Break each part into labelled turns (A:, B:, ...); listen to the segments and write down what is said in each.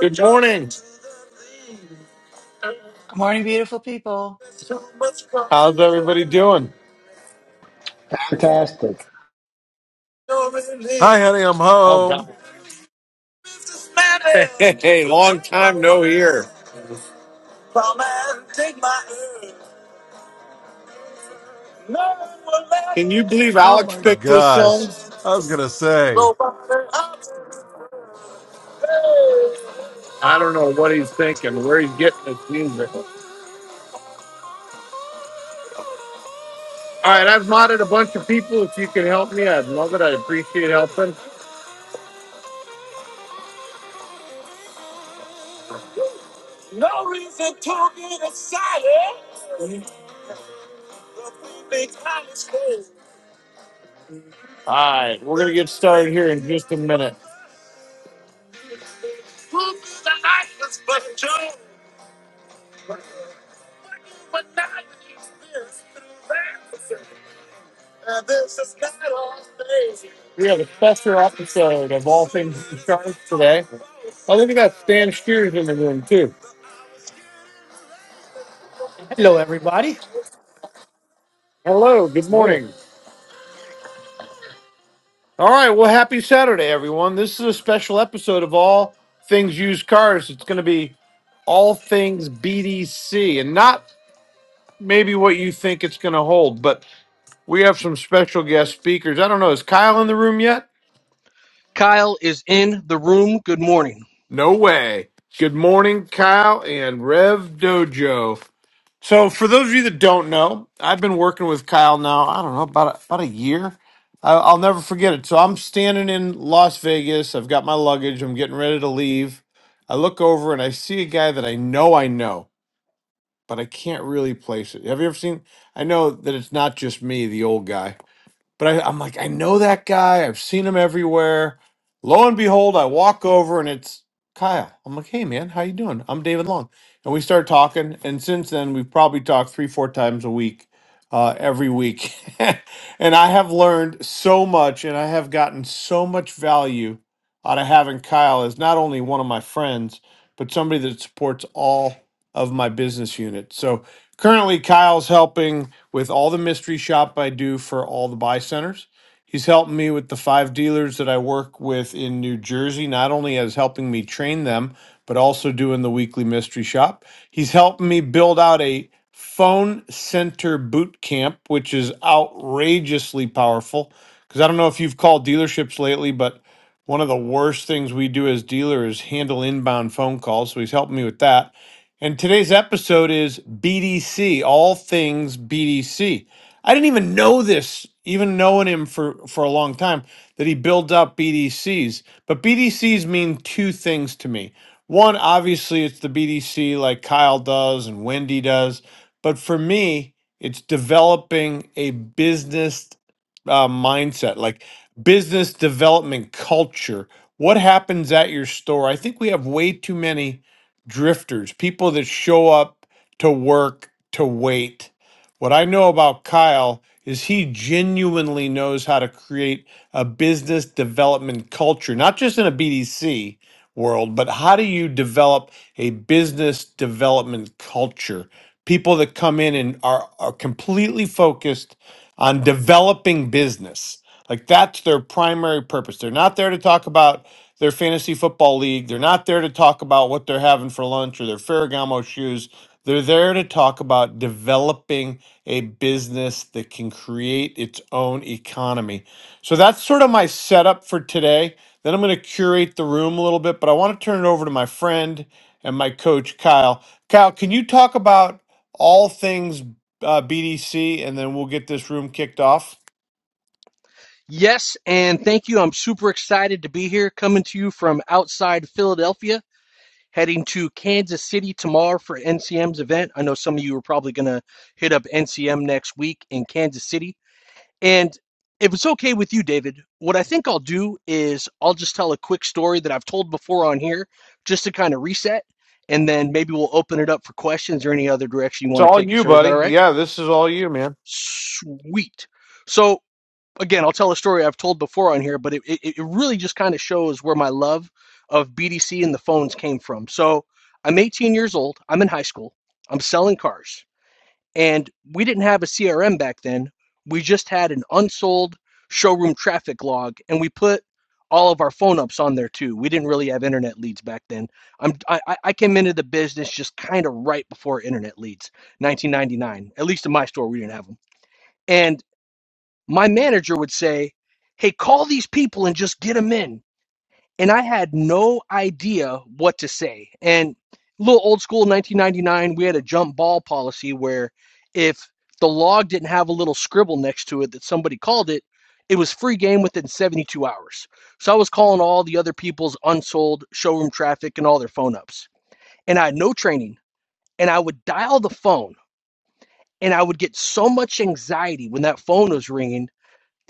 A: Good morning.
B: Good morning, beautiful people.
A: How's everybody doing?
C: Fantastic.
D: Hi, honey, I'm
A: Oh God.
D: home.
A: Hey, hey, hey, long time no hear. Can you believe
D: Oh
A: Alex
D: my
A: picked this song?
D: gosh. I was gonna say,
A: I don't know what he's thinking, where he's getting this music. All right, I've modded a bunch of people. If you can help me, I'd love it. I appreciate helping. No reason to get excited. All right, we're gonna get started here in just a minute. We have a special episode of All Things Insurance today. Oh, look at that. Stan Steers in the room, too.
E: Hello, everybody.
A: Hello. Good
E: Morning.
A: morning. All right. Well, happy Saturday, everyone. This is a special episode of All Things Used Cars. It's going to be all things BDC and not maybe what you think it's going to hold, but we have some special guest speakers. I don't know. Is Kyle in the room yet?
F: Kyle is in the room. Good morning.
A: No way. Good morning, Kyle and Rev Dojo. So, for those of you that don't know, I've been working with Kyle now, I don't know, about a, about a year. I, I'll never forget it. So, I'm standing in Las Vegas. I've got my luggage. I'm getting ready to leave. I look over and I see a guy that I know I know, but I can't really place it. Have you ever seen? I know that it's not just me, the old guy. But I, I'm like, I know that guy. I've seen him everywhere. Lo and behold, I walk over and it's Kyle. I'm like, hey man, how you doing? I'm David Long, and we start talking. And since then, we've probably talked three, four times a week, uh, every week. and I have learned so much, and I have gotten so much value out of having Kyle as not only one of my friends, but somebody that supports all of my business units. So currently, Kyle's helping with all the mystery shop I do for all the buy centers. He's helping me with the five dealers that I work with in New Jersey, not only as helping me train them, but also doing the weekly mystery shop. He's helping me build out a phone center boot camp, which is outrageously powerful. Because I don't know if you've called dealerships lately, but one of the worst things we do as dealers is handle inbound phone calls. So he's helping me with that. And today's episode is BDC, all things BDC. I didn't even know this, even knowing him for, for a long time, that he builds up BDCs. But BDCs mean two things to me. One, obviously, it's the BDC like Kyle does and Wendy does. But for me, it's developing a business uh, mindset, like business development culture. What happens at your store? I think we have way too many drifters, people that show up to work to wait. What I know about Kyle is he genuinely knows how to create a business development culture, not just in a BDC world, but how do you develop a business development culture? People that come in and are, are completely focused on developing business. Like that's their primary purpose. They're not there to talk about their fantasy football league. They're not there to talk about what they're having for lunch or their Ferragamo shoes. They're there to talk about developing a business that can create its own economy. So that's sort of my setup for today. Then I'm going to curate the room a little bit, but I want to turn it over to my friend and my coach, Kyle. Kyle, can you talk about all things uh, BDC and then we'll get this room kicked off?
F: Yes, and thank you. I'm super excited to be here, coming to you from outside Philadelphia, heading to Kansas City tomorrow for NCM's event. I know some of you are probably going to hit up NCM next week in Kansas City. And if it's okay with you, David, what I think I'll do is I'll just tell a quick story that I've told before on here just to kind of reset, and then maybe we'll open it up for questions or any other direction you
A: It's
F: want to
A: all
F: take it,
A: you,
F: sir. Is
A: buddy.
F: that all right?
A: Yeah, this is all you, man.
F: Sweet. So, again, I'll tell a story I've told before on here, but it, it, it really just kind of shows where my love of BDC and the phones came from. So I'm 18 years old. I'm in high school. I'm selling cars. And we didn't have a CRM back then. We just had an unsold showroom traffic log, and we put all of our phone ups on there too. We didn't really have internet leads back then. I'm, I I came into the business just kind of right before internet leads, 1999. At least in my store, we didn't have them. And my manager would say, Hey, call these people and just get them in. And I had no idea what to say. And a little old school 1999, we had a jump ball policy where if the log didn't have a little scribble next to it that somebody called it, it was free game within 72 hours. So I was calling all the other people's unsold showroom traffic and all their phone ups. And I had no training. And I would dial the phone and I would get so much anxiety when that phone was ringing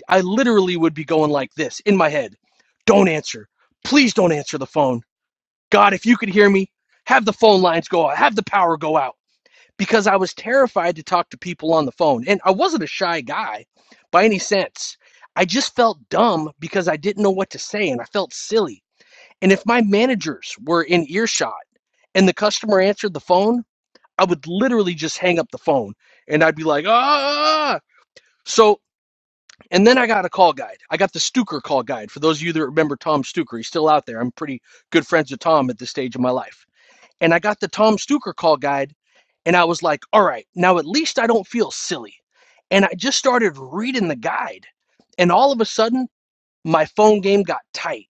F: I literally would be going like this in my head. Don't answer. Please don't answer the phone. God, if you could hear me, have the phone lines go out, have the power go out. Because I was terrified to talk to people on the phone. And I wasn't a shy guy by any sense. I just felt dumb because I didn't know what to say and I felt silly. And if my managers were in earshot and the customer answered the phone, I would literally just hang up the phone and I'd be like, ah. ah, ah, ah." So and then I got a call guide. I got the Stuker call guide. For those of you that remember Tom Stuker, he's still out there. I'm pretty good friends with Tom at this stage of my life. And I got the Tom Stuker call guide, and I was like, all right, now at least I don't feel silly. And I just started reading the guide. And all of a sudden, my phone game got tight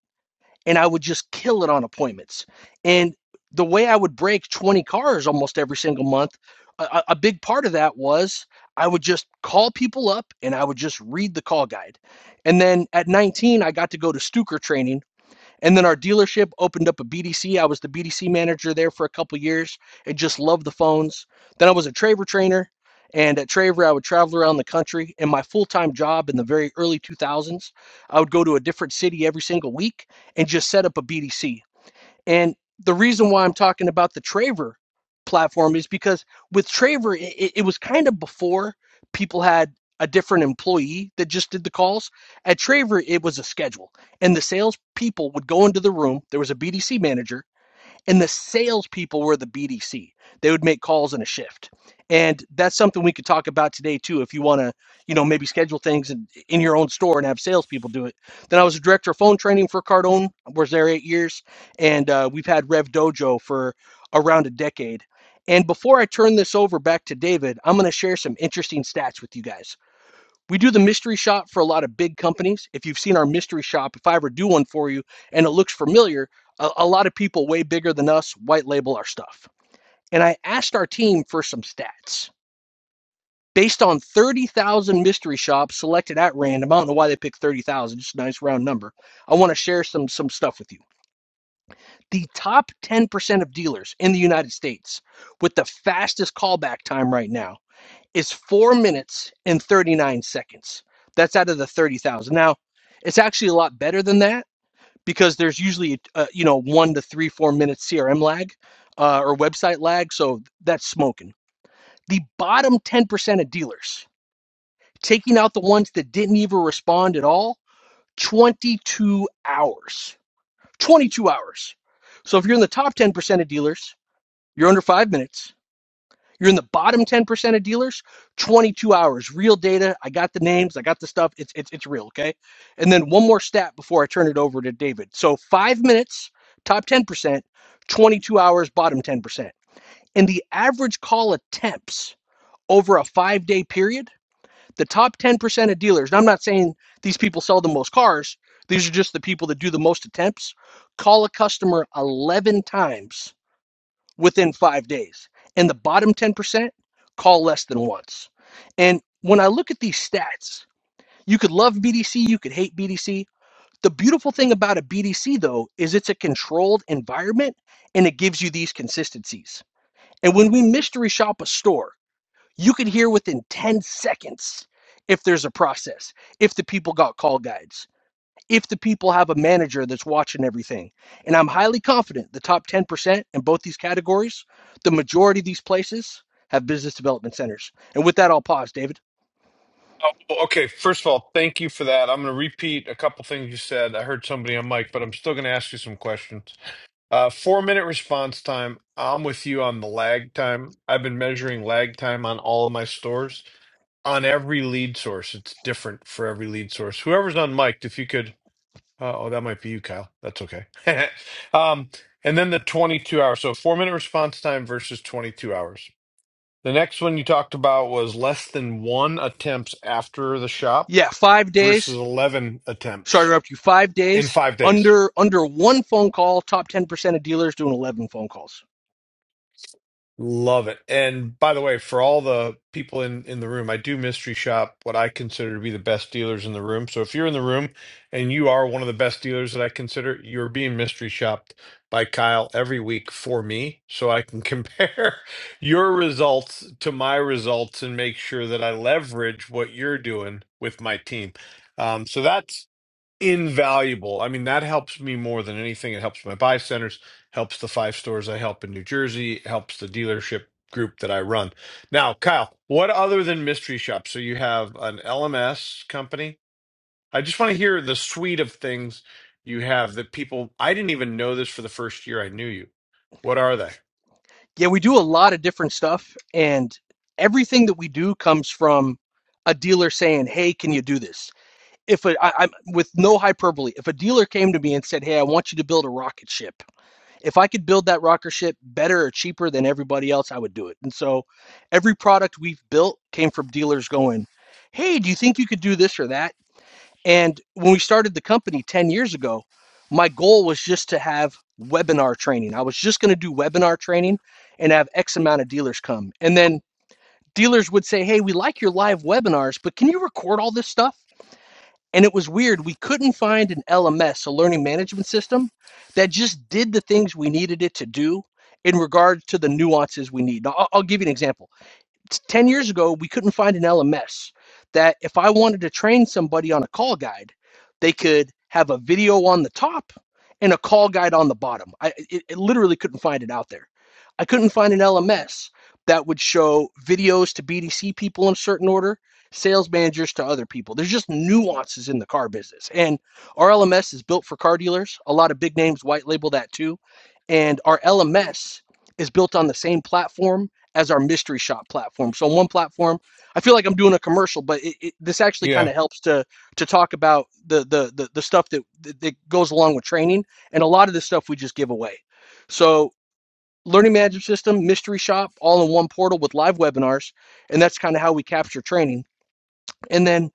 F: and I would just kill it on appointments. And the way I would break 20 cars almost every single month, a, a big part of that was I would just call people up and I would just read the call guide. And then at 19, I got to go to Stuker training and then our dealership opened up a BDC. I was the BDC manager there for a couple years and just loved the phones. Then I was a Traver trainer. And at Traver, I would travel around the country. And my full time job in the very early 2000s, I would go to a different city every single week and just set up a BDC. And the reason why I'm talking about the Traver platform is because with Traver, it, it was kind of before people had a different employee that just did the calls. At Traver, it was a schedule, and the sales people would go into the room. There was a BDC manager and the salespeople were the BDC. They would make calls in a shift, and that's something we could talk about today too. If you want to, you know, maybe schedule things in, in your own store and have salespeople do it. Then I was a director of phone training for Cardone. I Was there eight years, and uh, we've had Rev Dojo for around a decade. And before I turn this over back to David, I'm going to share some interesting stats with you guys. We do the mystery shop for a lot of big companies. If you've seen our mystery shop, if I ever do one for you and it looks familiar, a, a lot of people way bigger than us white label our stuff. And I asked our team for some stats based on 30,000 mystery shops selected at random. I don't know why they picked 30,000, just a nice round number. I want to share some some stuff with you. The top 10% of dealers in the United States with the fastest callback time right now is four minutes and 39 seconds. That's out of the 30,000. Now, it's actually a lot better than that because there's usually, uh, you know, one to three, four minutes CRM lag uh, or website lag. So that's smoking. The bottom 10% of dealers, taking out the ones that didn't even respond at all, 22 hours. 22 hours. So if you're in the top 10% of dealers, you're under five minutes You're in the bottom 10% of dealers, 22 hours. Real data. I got the names. I got the stuff. It's, it's, it's real. Okay. And then one more stat before I turn it over to David. So five minutes, top 10%, 22 hours, bottom 10%. And the average call attempts over a five day period, the top 10% of dealers, and I'm not saying these people sell the most cars, these are just the people that do the most attempts, call a customer 11 times within five days. And the bottom 10% call less than once. And when I look at these stats, you could love BDC, you could hate BDC. The beautiful thing about a BDC, though, is it's a controlled environment and it gives you these consistencies. And when we mystery shop a store, you can hear within 10 seconds if there's a process, if the people got call guides if the people have a manager that's watching everything. And I'm highly confident the top 10% in both these categories, the majority of these places have business development centers. And with that, I'll pause, David.
A: Oh, Well, okay, first of all, thank you for that. I'm going to repeat a couple things you said. I heard somebody on mic, but I'm still going to ask you some questions. Uh, four minute response time. I'm with you on the lag time. I've been measuring lag time on all of my stores. On every lead source, it's different for every lead source. Whoever's on mic, if you could, uh, oh, that might be you, Kyle. That's okay. um, and then the 22 hours. So four minute response time versus 22 hours. The next one you talked about was less than one attempts after the shop
F: Yeah, five
A: versus
F: days.
A: 11
F: Sorry to
A: attempts
F: interrupt you. Five
A: in
F: days
A: five days.
F: under under one phone call. Top 10% of dealers doing 11 phone calls.
A: Love it. And by the way, for all the people in, in the room, I do mystery shop what I consider to be the best dealers in the room. So if you're in the room and you are one of the best dealers that I consider, you're being mystery shopped by Kyle every week for me so I can compare your results to my results and make sure that I leverage what you're doing with my team. Um, so that's invaluable. I mean, that helps me more than anything. It helps my buy centers, helps the five stores I help in New Jersey, helps the dealership group that I run. Now, Kyle, what other than mystery shops? So you have an LMS company. I just want to hear the suite of things you have that people I didn't even know this for the first year I knew you. What are they?
F: Yeah, we do a lot of different stuff, and everything that we do comes from a dealer saying, "Hey, can you do this?" If a, I, I'm with no hyperbole, if a dealer came to me and said, "Hey, I want you to build a rocket ship," if I could build that rocker ship better or cheaper than everybody else, I would do it. And so every product we've built came from dealers going, Hey, do you think you could do this or that? And when we started the company 10 years ago, my goal was just to have webinar training. I was just going to do webinar training and have X amount of dealers come. And then dealers would say, Hey, we like your live webinars, but can you record all this stuff? And it was weird. We couldn't find an LMS, a learning management system, that just did the things we needed it to do in regards to the nuances we need. Now, I'll, I'll give you an example. 10 years ago, we couldn't find an LMS that if I wanted to train somebody on a call guide, they could have a video on the top and a call guide on the bottom. I it, it literally couldn't find it out there. I couldn't find an LMS that would show videos to BDC people in a certain order, sales managers to other people. There's just nuances in the car business. And our LMS is built for car dealers. A lot of big names white label that too. And our LMS is built on the same platform as our mystery shop platform. So on one platform, I feel like I'm doing a commercial, but it, it, this actually
A: Yeah.
F: kind of helps to to talk about the the the, the stuff that, that that goes along with training, and a lot of this stuff we just give away. So learning management system, mystery shop, all in one portal with live webinars, and that's kind of how we capture training. And then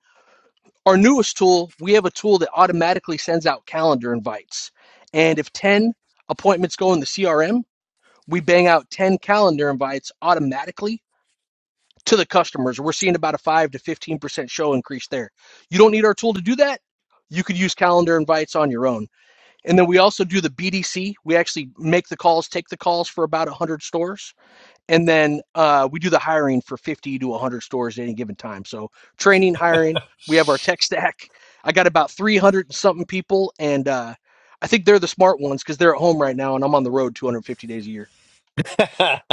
F: our newest tool, we have a tool that automatically sends out calendar invites, and if ten appointments go in the CRM, we bang out ten calendar invites automatically to the customers. We're seeing about a 5 to 15% show increase there. You don't need our tool to do that. You could use calendar invites on your own. And then we also do the BDC. We actually make the calls, take the calls for about 100 stores. And then uh, we do the hiring for 50 to 100 stores at any given time. So training, hiring, we have our tech stack. I got about 300 and something people. And uh, I think they're the smart ones because they're at home right now and I'm on the road 250 days a year.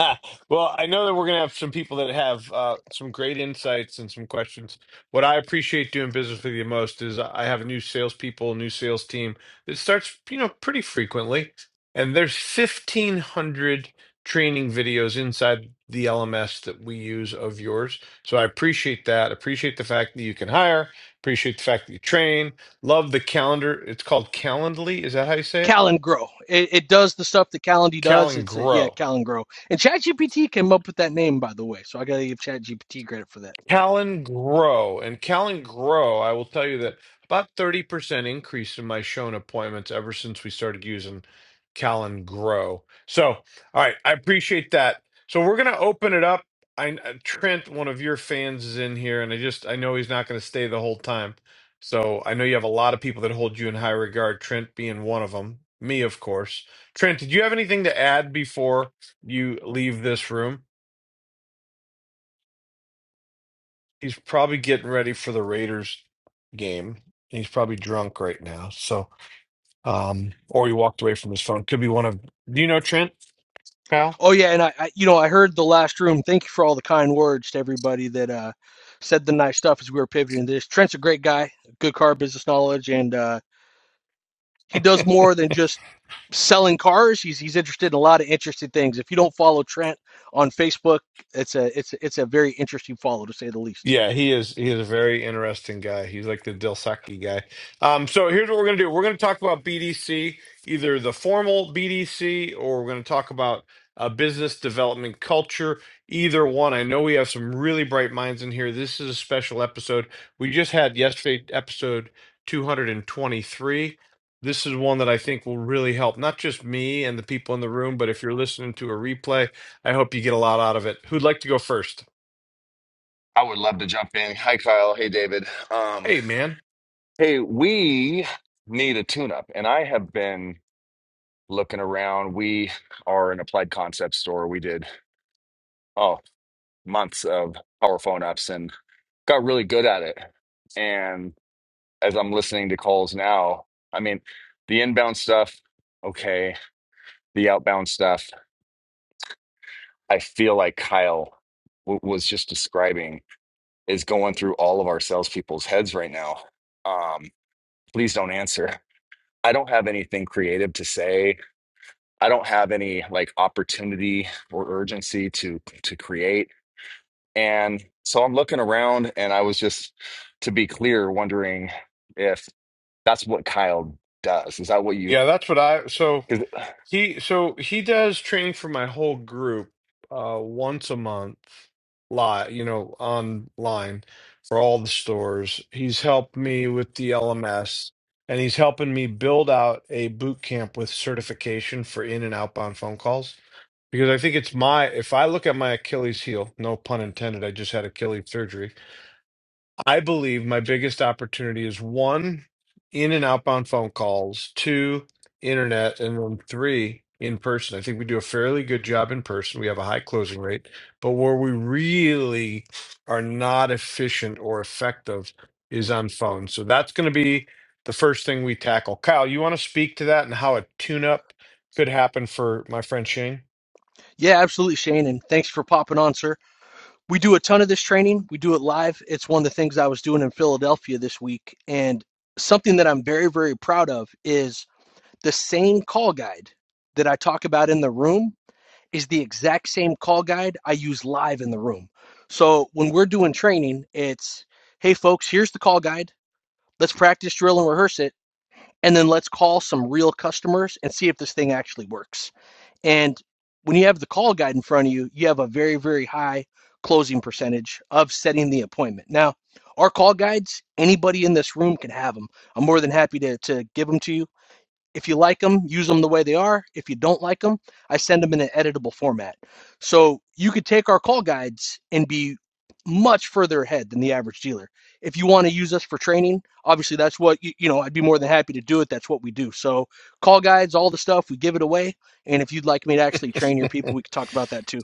A: well, I know that we're going to have some people that have uh, some great insights and some questions. What I appreciate doing business with you most is I have new salespeople, new sales team. It starts, you know, pretty frequently, and there's 1,500 training videos inside the LMS that we use of yours. So I appreciate that. Appreciate the fact that you can hire. Appreciate the fact that you train. Love the calendar. It's called Calendly. Is that how you say it?
F: Callan Grow. It, it does the stuff that Calendly
A: Cal
F: does.
A: and
F: It's a, yeah,
A: Grow.
F: Callan Grow. And ChatGPT came up with that name, by the way. So I gotta give ChatGPT credit for that.
A: Callan Grow. And Callan Grow, I will tell you that about 30% increase in my Shone appointments ever since we started using Callan Grow. So, all right, I appreciate that. So we're going to open it up. I uh, Trent, one of your fans is in here and I just I know he's not going to stay the whole time. So, I know you have a lot of people that hold you in high regard, Trent being one of them. Me, of course. Trent, did you have anything to add before you leave this room? He's probably getting ready for the Raiders game. He's probably drunk right now. So, um, or he walked away from his phone. Could be one of. Do you know Trent? Kyle?
F: Oh yeah, and I, I you know I heard the last room. Thank you for all the kind words to everybody that uh said the nice stuff as we were pivoting to this. Trent's a great guy, good car business knowledge, and uh he does more than just selling cars. He's he's interested in a lot of interesting things. If you don't follow Trent on Facebook, it's a it's a, it's a very interesting follow to say the least.
A: Yeah, he is. He is a very interesting guy. He's like the Dilsaki guy. Um, so here's what we're gonna do. We're gonna talk about BDC, either the formal BDC, or we're gonna talk about uh, business development culture. Either one. I know we have some really bright minds in here. This is a special episode. We just had yesterday episode 223. This is one that I think will really help not just me and the people in the room, but if you're listening to a replay, I hope you get a lot out of it. Who'd like to go first?
G: I would love to jump in. Hi, Kyle. Hey, David. Um,
A: Hey, man.
G: hey, we need a tune-up, and I have been looking around. We are an applied concept store. We did oh months of power phone ups and got really good at it. And as I'm listening to calls now, I mean, the inbound stuff, okay, the outbound stuff. I feel like Kyle w was just describing is going through all of our salespeople's heads right now. Um, please don't answer. I don't have anything creative to say. I don't have any like opportunity or urgency to to create. And so I'm looking around and I was just to be clear wondering if that's what Kyle does. Is that what you
A: Yeah, that's what I so
G: cuz
A: he so he does training for my whole group uh once a month live, you know, online for all the stores. He's helped me with the LMS and he's helping me build out a boot camp with certification for in and outbound phone calls because I think it's my if I look at my Achilles heel, no pun intended, I just had Achilles surgery I believe my biggest opportunity is one, in and outbound phone calls, two, internet, and then three, in person. I think we do a fairly good job in person. We have a high closing rate, but where we really are not efficient or effective is on phone. So that's going to be the first thing we tackle. Kyle, you want to speak to that and how a tune up could happen for my friend Shane.
F: Yeah, absolutely, Shane. And thanks for popping on, sir. We do a ton of this training. We do it live. It's one of the things I was doing in Philadelphia this week. And something that I'm very, very proud of is the same call guide that I talk about in the room is the exact same call guide I use live in the room. So when we're doing training, it's hey, folks, here's the call guide. Let's practice, drill, and rehearse it. And then let's call some real customers and see if this thing actually works. And when you have the call guide in front of you, you have a very, very high closing percentage of setting the appointment. Now, our call guides, anybody in this room can have them. I'm more than happy to, to give them to you if you like them, use them the way they are. If you don't like them, I send them in an editable format. So you could take our call guides and be much further ahead than the average dealer. If you want to use us for training, obviously that's what you, you know, I'd be more than happy to do it. That's what we do. So call guides, all the stuff, we give it away. And if you'd like me to actually train your people, we could talk about that too.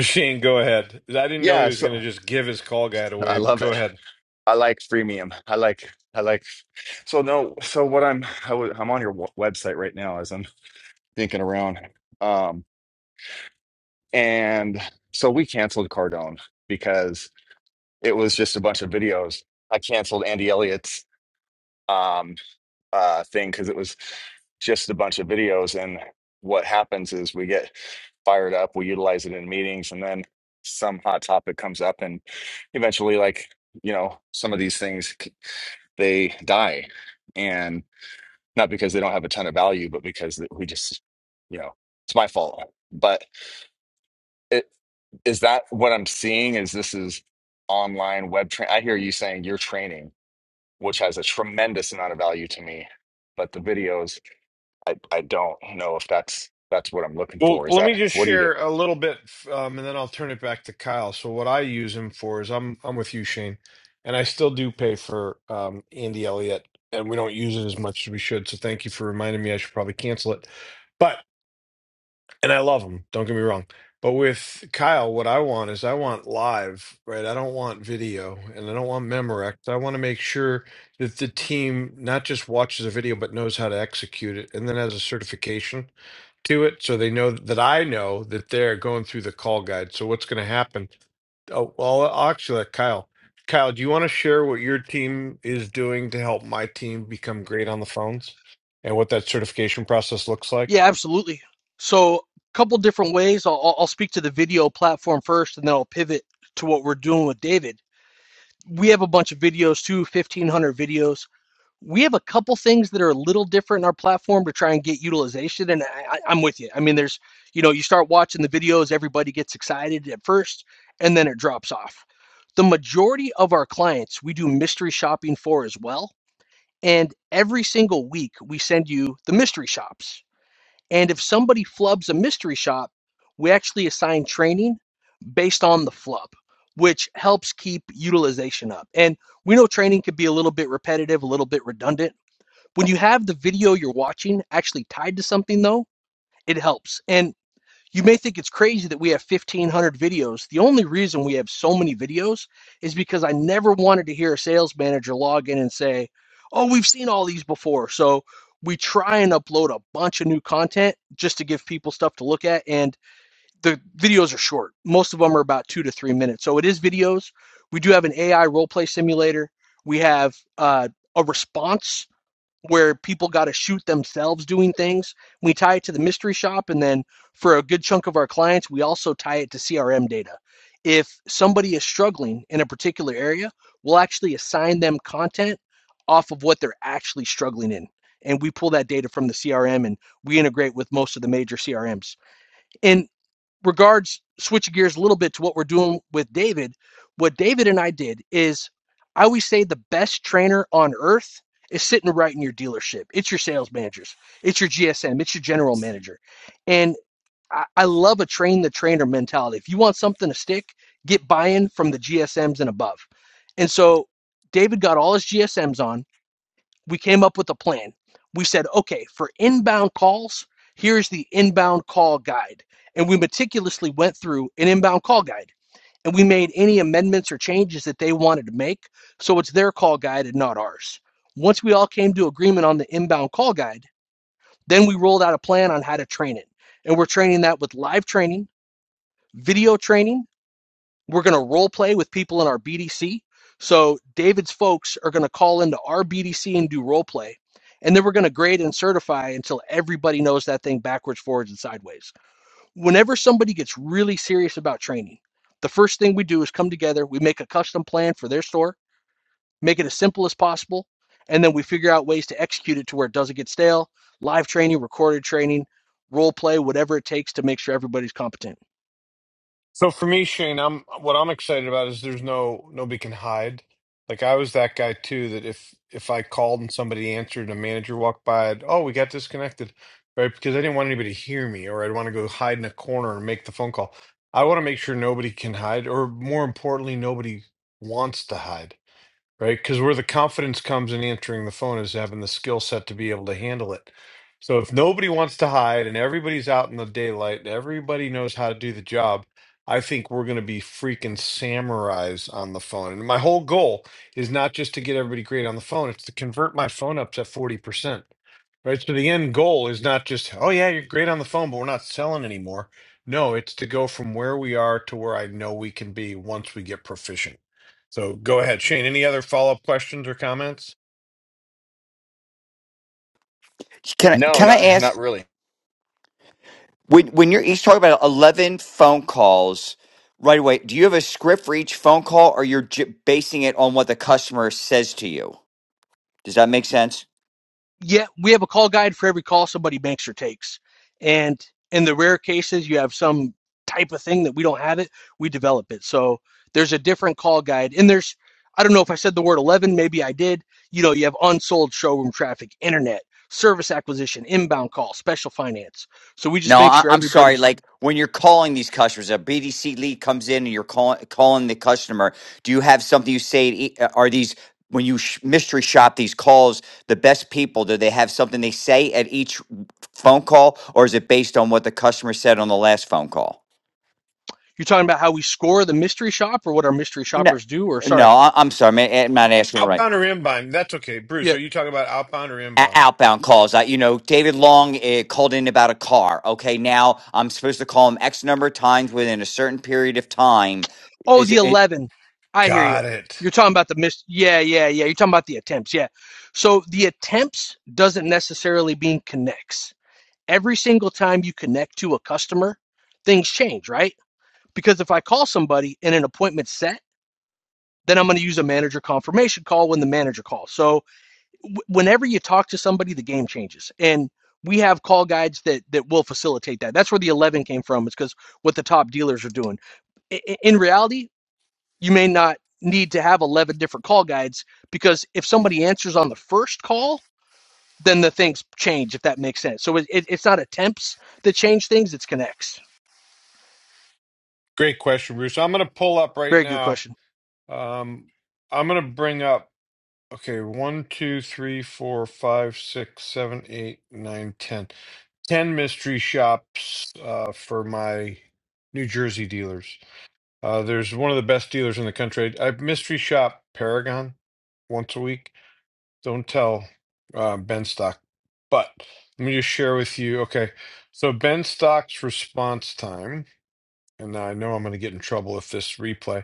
A: Shane, go ahead. I didn't know he
G: yeah,
A: was
G: so
A: going to just give his call guide
G: I
A: away, but
G: love
A: go
G: it.
A: ahead.
G: I like freemium. I like I like so no so what I'm I w- I'm on your w- website right now as I'm thinking around um and so we canceled Cardone because it was just a bunch of videos. I canceled Andy Elliott's um, uh, thing because it was just a bunch of videos. And what happens is we get fired up, we utilize it in meetings, and then some hot topic comes up, and eventually, like you know, some of these things c- they die, and not because they don't have a ton of value, but because th- we just, you know, it's my fault. But it is that what I'm seeing is this is online web train. I hear you saying you're training which has a tremendous amount of value to me. But the videos, I, I don't know if that's that's what I'm looking
A: Well,
G: for. Is
A: let me
G: that
A: just
G: what do you do?
A: share a little bit, um, and then I'll turn it back to Kyle. So, what I use him for is I'm I'm with you, Shane, and I still do pay for um, Andy Elliott, and we don't use it as much as we should. So, thank you for reminding me. I should probably cancel it. but and I love him. Don't get me wrong. But with Kyle, what I want is I want live, right? I don't want video and I don't want Memorex. I want to make sure that the team not just watches the video, but knows how to execute it and then has a certification to it. So they know that I know that they're going through the call guide. So what's going to happen? Oh, well, I'll actually let Kyle. Kyle, do you want to share what your team is doing to help my team become great on the phones and what that certification process looks like?
F: Yeah, absolutely. So a couple different ways. I'll I'll speak to the video platform first and then I'll pivot to what we're doing with David we have a bunch of videos too 1500 videos we have a couple things that are a little different in our platform to try and get utilization and I, I- am with you i mean there's you know you start watching the videos everybody gets excited at first and then it drops off the majority of our clients we do mystery shopping for as well and every single week we send you the mystery shops and if somebody flubs a mystery shop we actually assign training based on the flub, which helps keep utilization up. And we know training can be a little bit repetitive, a little bit redundant. When you have the video you're watching actually tied to something, though, it helps. And you may think it's crazy that we have 1,500 videos. The only reason we have so many videos is because I never wanted to hear a sales manager log in and say, Oh, we've seen all these before. So we try and upload a bunch of new content just to give people stuff to look at. And the videos are short. Most of them are about two to three minutes. So it is videos. We do have an AI role play simulator. We have uh, a response where people got to shoot themselves doing things. We tie it to the mystery shop. And then for a good chunk of our clients, we also tie it to CRM data. If somebody is struggling in a particular area, we'll actually assign them content off of what they're actually struggling in. And we pull that data from the CRM and we integrate with most of the major CRMs. And regards switching gears a little bit to what we're doing with David, what David and I did is I always say the best trainer on earth is sitting right in your dealership. It's your sales managers, it's your GSM, it's your general manager. And I, I love a train the trainer mentality. If you want something to stick, get buy in from the GSMs and above. And so David got all his GSMs on we came up with a plan. We said, okay, for inbound calls, here's the inbound call guide. And we meticulously went through an inbound call guide and we made any amendments or changes that they wanted to make. So it's their call guide and not ours. Once we all came to agreement on the inbound call guide, then we rolled out a plan on how to train it. And we're training that with live training, video training, we're going to role play with people in our BDC. So David's folks are going to call into our BDC and do role play. And then we're going to grade and certify until everybody knows that thing backwards, forwards, and sideways. Whenever somebody gets really serious about training, the first thing we do is come together, we make a custom plan for their store, make it as simple as possible, and then we figure out ways to execute it to where it doesn't get stale, live training, recorded training, role play, whatever it takes to make sure everybody's competent.
A: So for me, Shane, I'm what I'm excited about is there's no nobody can hide. Like I was that guy too, that if if I called and somebody answered and a manager walked by, I'd, oh, we got disconnected, right? Because I didn't want anybody to hear me, or I'd want to go hide in a corner and make the phone call. I want to make sure nobody can hide, or more importantly, nobody wants to hide right? Because where the confidence comes in answering the phone is having the skill set to be able to handle it. So if nobody wants to hide and everybody's out in the daylight and everybody knows how to do the job, I think we're going to be freaking samurais on the phone. And my whole goal is not just to get everybody great on the phone, it's to convert my phone ups at 40%. Right. So the end goal is not just, oh, yeah, you're great on the phone, but we're not selling anymore. No, it's to go from where we are to where I know we can be once we get proficient. So go ahead, Shane. Any other follow up questions or comments?
H: Can I
G: No,
H: can I
G: not not
H: ask
G: really.
H: when when you're each talking about eleven phone calls right away? Do you have a script for each phone call, or you're j- basing it on what the customer says to you? Does that make sense?
F: yeah, we have a call guide for every call somebody makes or takes. And in the rare cases you have some type of thing that we don't have it, we develop it. So there's a different call guide. And there's I don't know if I said the word 11, maybe I did. You know, you have unsold showroom traffic, internet, service acquisition, inbound call, special finance. So we just
H: No,
F: make
H: I,
F: sure
H: I'm sorry.
F: everybody's
H: Like when you're calling these customers, a BDC lead comes in and you're calling calling the customer. Do you have something you say? To, e- uh, are these when you sh- mystery shop these calls the best people? Do they have something they say at each phone call, or is it based on what the customer said on the last phone call?
F: you're talking about how we score the mystery shop or what our mystery
H: No,
F: shoppers do or
H: no,
F: sorry.
H: I- I'm sorry, man. I'm not asking it right.
A: Outbound or inbound? That's okay.
F: yeah.
A: Bruce, are you talking about outbound or
H: O-
A: inbound?
H: Outbound calls. I, you know, David Long uh, called in about a car. Okay, now I'm supposed to call him X number of times within a certain period of time.
F: Oh,
H: Is
F: the
H: it? it
F: 11. I hear you.
A: Got it.
F: You're talking about the miss. Yeah, yeah, yeah. You're talking about the attempts. Yeah. So the attempts doesn't necessarily mean connects. Every single time you connect to a customer, things change, right? Because if I call somebody in an appointment set, then I'm going to use a manager confirmation call when the manager calls. So w- whenever you talk to somebody, the game changes. And we have call guides that that will facilitate that. That's where the 11 came from. It's because what the top dealers are doing. I- i- In reality, you may not need to have 11 different call guides because if somebody answers on the first call then the things change if that makes sense so it, it, it's not attempts that change things it's connects
A: Great question, Bruce. I'm going to pull up right
F: very good
A: now.
F: question
A: Um, I'm going to bring up, okay, one, two, three, four, five, six, seven, eight, nine, ten. 10 mystery shops uh, for my New Jersey dealers. Uh, there's one of the best dealers in the country. I mystery shop Paragon once a week. Don't tell uh, Ben Stock, but let me just share with you. Okay, so Ben Stock's response time, and I know I'm going to get in trouble with this replay.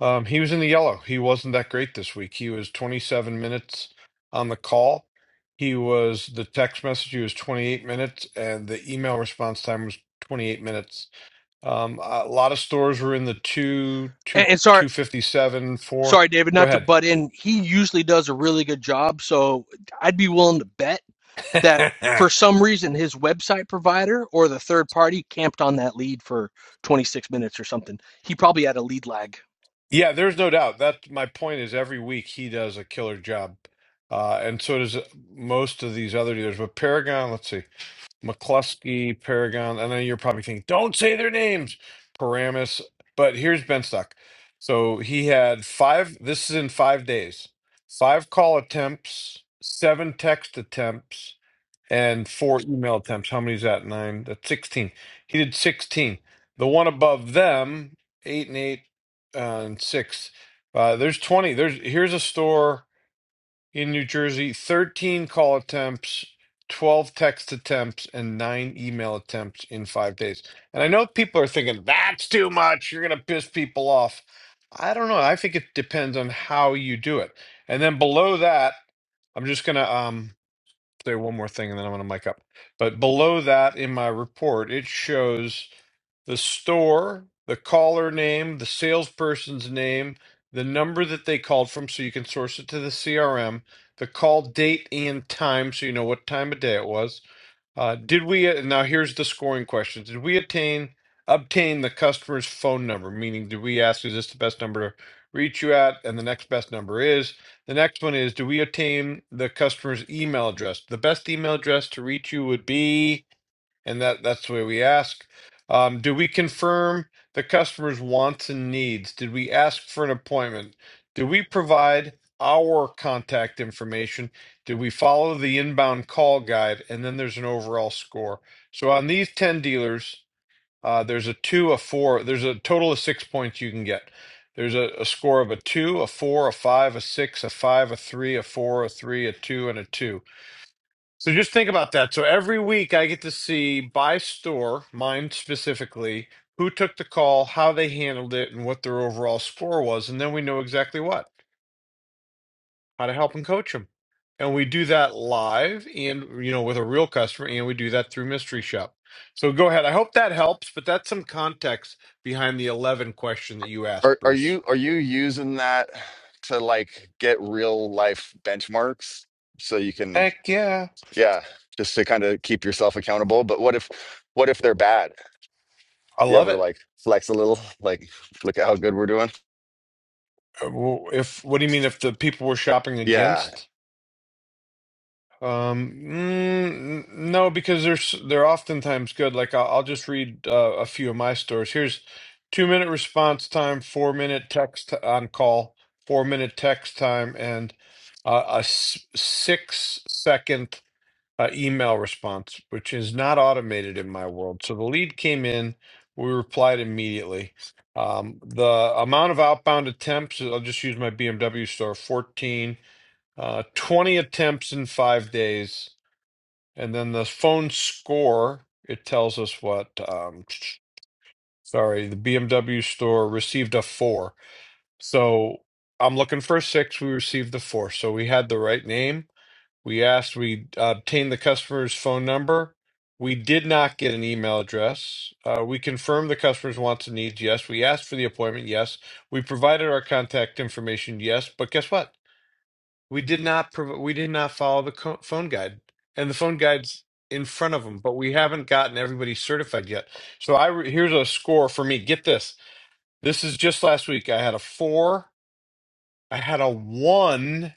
A: Um, he was in the yellow. He wasn't that great this week. He was 27 minutes on the call. He was the text message. He was 28 minutes, and the email response time was 28 minutes. Um, a lot of stores were in the two two
F: and, and sorry
A: two fifty seven four.
F: sorry david
A: Go
F: not to
A: ahead.
F: butt in he usually does a really good job so i'd be willing to bet that for some reason his website provider or the third party camped on that lead for 26 minutes or something he probably had a lead lag
A: yeah, there's no doubt. That my point is every week he does a killer job, uh, and so does most of these other dealers. But Paragon, let's see. McCluskey, Paragon. I know you're probably thinking, don't say their names, Paramus. But here's Ben Stuck. So he had five, this is in five days, five call attempts, seven text attempts, and four email attempts. How many is that? Nine? That's 16. He did 16. The one above them, eight and eight uh, and six. Uh, there's 20. There's Here's a store in New Jersey, 13 call attempts, 12 text attempts, and nine email attempts in five days. And I know people are thinking, that's too much. You're going to piss people off. I don't know. I think it depends on how you do it. And then below that, I'm just going to um, say one more thing and then I'm going to mic up. But below that in my report, it shows the store, the caller name, the salesperson's name, the number that they called from so you can source it to the CRM, the call date and time so you know what time of day it was. Uh, did we uh, now here's the scoring question. Did we attain obtain the customer's phone number? Meaning did we ask is this the best number to reach you at? And the next best number is. The next one is do we obtain the customer's email address? The best email address to reach you would be and that that's the way we ask. Um, do we confirm the customer's wants and needs? Did we ask for an appointment? Do we provide our contact information? Did we follow the inbound call guide? And then there's an overall score. So on these 10 dealers, uh, there's a two, a four, there's a total of six points you can get. There's a, a score of a two, a four, a five, a six, a five, a three, a four, a three, a two, and a two. So just think about that. So every week I get to see by store, mine specifically, who took the call, how they handled it, and what their overall score was, and then we know exactly what, how to help and coach them. And we do that live and you know with a real customer and we do that through Mystery Shop. So go ahead. I hope that helps, but that's some context behind the 11 question that you asked,
G: Are are
A: Bruce.
G: you are you using that to like get real life benchmarks so you can
A: Heck yeah.
G: yeah, just to kind of keep yourself accountable. But what if what if they're bad?
A: I
G: Do you
A: love
G: ever
A: it.
G: like flex a little? Like look at how good we're doing?
A: Uh, well, If what do you mean if the people were shopping
G: Yeah,
A: against? Um, mm, no, because they're s- they're oftentimes good. Like I'll, I'll just read uh, a few of my stores. Here's two minute response time, four minute text on call, four minute text time, and uh, a s- six second uh, email response, which is not automated in my world. So the lead came in, we replied immediately. Um, the amount of outbound attempts, I'll just use my BMW store, 14, uh, 20 attempts in five days and then the phone score, it tells us what, um, sorry, the BMW store received a four. So I'm looking for a six. We received the four. So we had the right name. We asked, we obtained the customer's phone number. We did not get an email address. Uh, we confirmed the customer's wants and needs. Yes. We asked for the appointment. Yes. We provided our contact information. Yes. But guess what? We did not prov- we did not follow the co- phone guide, and the phone guide's in front of them, but we haven't gotten everybody certified yet. So I re- here's a score for me. Get this. This is just last week. I had a four. I had a one.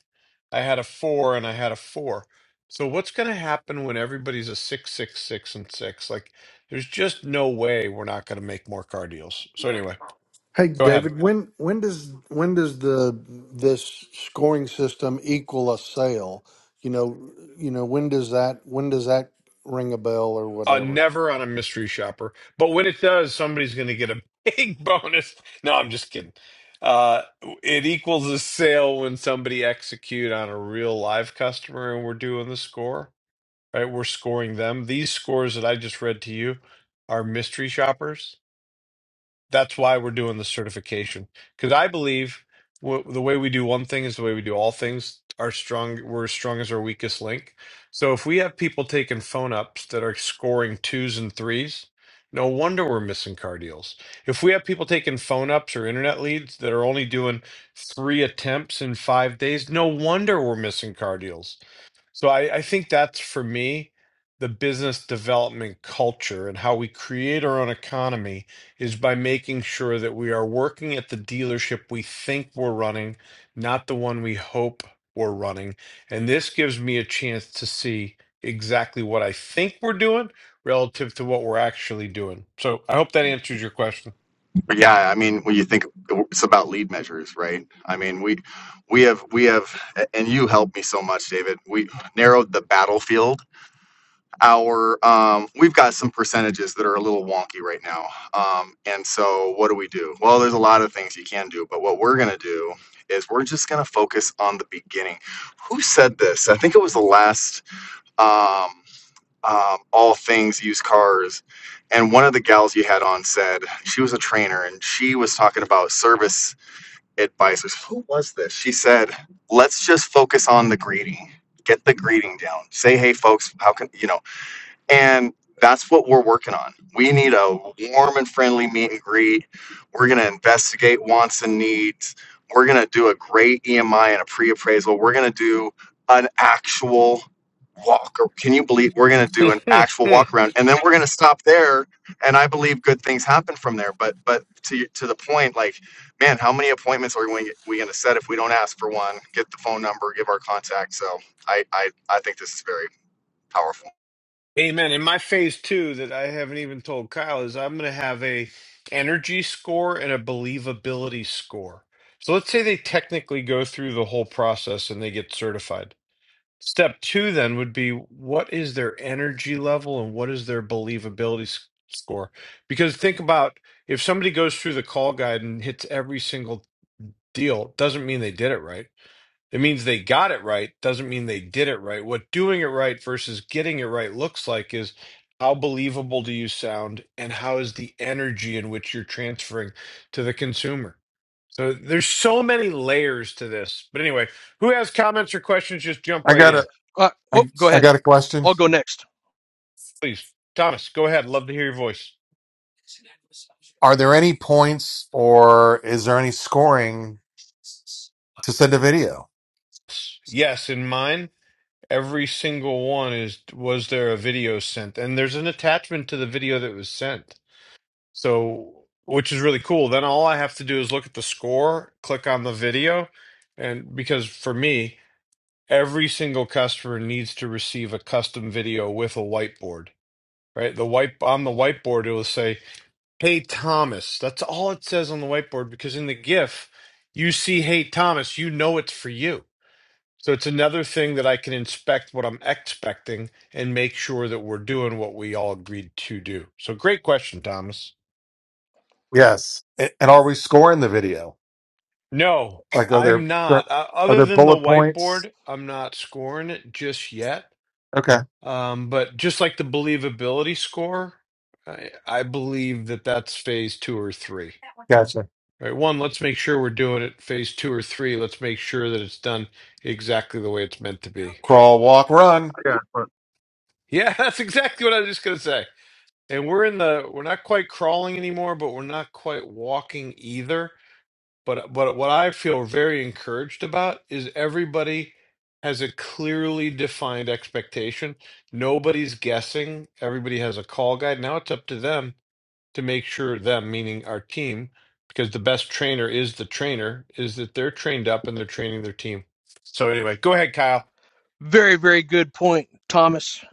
A: I had a four, and I had a four. So what's going to happen when everybody's a six, six, six, and six? Like, there's just no way we're not going to make more car deals. So anyway,
I: Hey
A: go ahead.
I: David, when when does when does the this scoring system equal a sale? You know, you know when does that when does that ring a bell or
A: Uh,
I: whatever?
A: never on a mystery shopper. But when it does, somebody's going to get a big bonus. No, I'm just kidding. Uh, it equals a sale when somebody execute on a real live customer and we're doing the score, right? We're scoring them. These scores that I just read to you are mystery shoppers that's why we're doing the certification because I believe w- the way we do one thing is the way we do all things. Our strong, we're as strong as our weakest link. So if we have people taking phone ups that are scoring twos and threes, no wonder we're missing car deals. If we have people taking phone ups or internet leads that are only doing three attempts in five days, no wonder we're missing car deals. So I, I think that's for me the business development culture and how we create our own economy is by making sure that we are working at the dealership we think we're running, not the one we hope we're running. And this gives me a chance to see exactly what I think we're doing relative to what we're actually doing. So I hope that answers your question.
G: Yeah, I mean, when you think it's about lead measures, right? I mean, we we have we have, and you helped me so much, David. We narrowed the battlefield. Our um, we've got some percentages that are a little wonky right now, um, and so what do we do? Well, there's a lot of things you can do, but what we're gonna do is we're just gonna focus on the beginning. Who said this? I think it was the last. Um, um, all things used cars. And one of the gals you had on said she was a trainer and she was talking about service advisors. Who was this? She said, let's just focus on the greeting. Get the greeting down. Say, hey, folks, how can you know? And that's what we're working on. We need a warm and friendly meet and greet. We're going to investigate wants and needs. We're going to do a great EMI and a pre appraisal. We're going to do an actual walk. Or can you believe we're going to do an actual walk around? And then we're going to stop there. And I believe good things happen from there. But but to y- to the point, like, man, how many appointments are we, we going to set if we don't ask for one? Get the phone number, give our contact. So I I, I think this is very powerful.
A: Amen. And my phase two that I haven't even told Kyle is I'm going to have a energy score and a believability score. So let's say they technically go through the whole process and they get certified. Step two then would be what is their energy level and what is their believability s- score? Because think about if somebody goes through the call guide and hits every single deal, it doesn't mean they did it right it means they got it right, doesn't mean they did it right. What doing it right versus getting it right looks like is how believable do you sound and how is the energy in which you're transferring to the consumer. So there's so many layers to this. But anyway, who has comments or questions, just jump
D: I
A: right
D: got a,
A: in.
F: uh, oh
D: I,
F: go
D: I
F: ahead
D: got a question.
F: i'll go next
A: Please, Thomas, go ahead. Love to hear your voice.
D: Are there any points or is there any scoring to send a video?
A: Yes, in mine, every single one is was there a video sent? And there's an attachment to the video that was sent. So, which is really cool. Then all I have to do is look at the score, click on the video, and because for me, every single customer needs to receive a custom video with a whiteboard, right? The white on the whiteboard, it will say, "Hey Thomas." That's all it says on the whiteboard because in the GIF, you see "Hey Thomas," you know it's for you. So it's another thing that I can inspect what I'm expecting and make sure that we're doing what we all agreed to do. So great question, Thomas.
D: Yes. A- And are we scoring the video?
A: No,
D: Like, are
A: I'm
D: there,
A: not. Uh,
D: are
A: other
D: there
A: than the
D: bullet points?
A: whiteboard, I'm not scoring it just yet.
D: Okay.
A: Um, but just like the believability score, I, I believe that that's phase two or three.
D: Gotcha.
A: Right. One, let's make sure we're doing it phase two or three. Let's make sure that it's done exactly the way it's meant to be.
D: Crawl, walk, run.
J: Yeah, but
A: Yeah, that's exactly what I was just gonna say. And we're in the we're not quite crawling anymore, but we're not quite walking either. But but what I feel very encouraged about is everybody has a clearly defined expectation. Nobody's guessing. Everybody has a call guide. Now it's up to them to make sure them, meaning our team, because the best trainer is the trainer, is that they're trained up and they're training their team. So anyway, go ahead, Kyle.
F: Very, very good point, Thomas.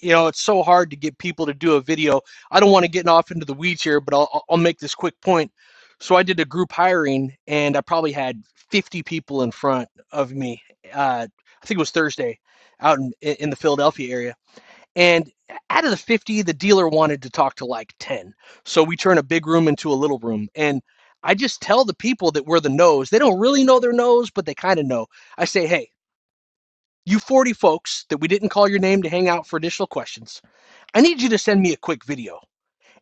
F: You know, it's so hard to get people to do a video. I don't want to get off into the weeds here, but I'll, I'll make this quick point. So I did a group hiring, and I probably had 50 people in front of me. Uh, I think it was Thursday, out in in the Philadelphia area. And out of the 50, the dealer wanted to talk to like 10. So we turn a big room into a little room, and I just tell the people that we're the nose. They don't really know their nose, but they kind of know. I say, hey. You 40 folks that we didn't call your name to hang out for additional questions, I need you to send me a quick video.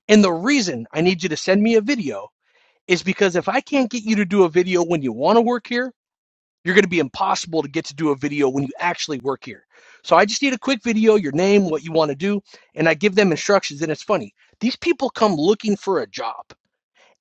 F: And the reason I need you to send me a video is because if I can't get you to do a video when you want to work here, you're going to be impossible to get to do a video when you actually work here. So I just need a quick video, your name, what you want to do, and I give them instructions. And it's funny, these people come looking for a job.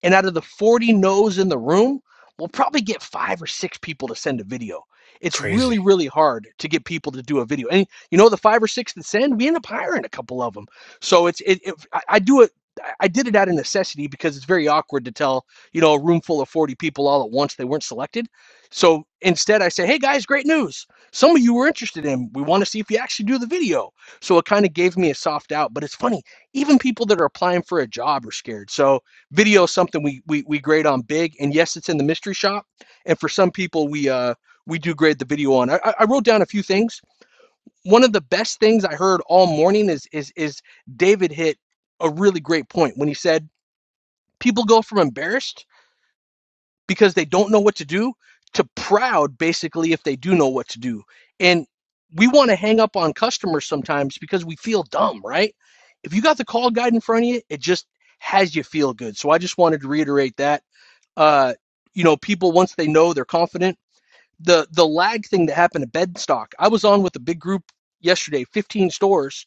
F: And out of the 40 no's in the room, we'll probably get five or six people to send a video. It's really,
A: Crazy.
F: really hard to get people to do a video. And you know, the five or six that send, we end up hiring a couple of them. So it's, it, it I, I do it. I I did it out of necessity because it's very awkward to tell, you know, a room full of 40 people all at once they weren't selected. So instead, I say, hey guys, great news. Some of you were interested in, we want to see if you actually do the video. So it kind of gave me a soft out. But it's funny, even people that are applying for a job are scared. So, video is something we we we grade on big, and yes, it's in the mystery shop. And for some people, we uh we do grade the video on. I, I wrote down a few things. One of the best things I heard all morning is is is David hit a really great point when he said people go from embarrassed because they don't know what to do to proud basically if they do know what to do. And we want to hang up on customers sometimes because we feel dumb, right? If you got the call guide in front of you, it just has you feel good. So I just wanted to reiterate that uh, you know, people once they know they're confident. The the lag thing that happened to Bedstock. I was on with a big group yesterday, 15 stores,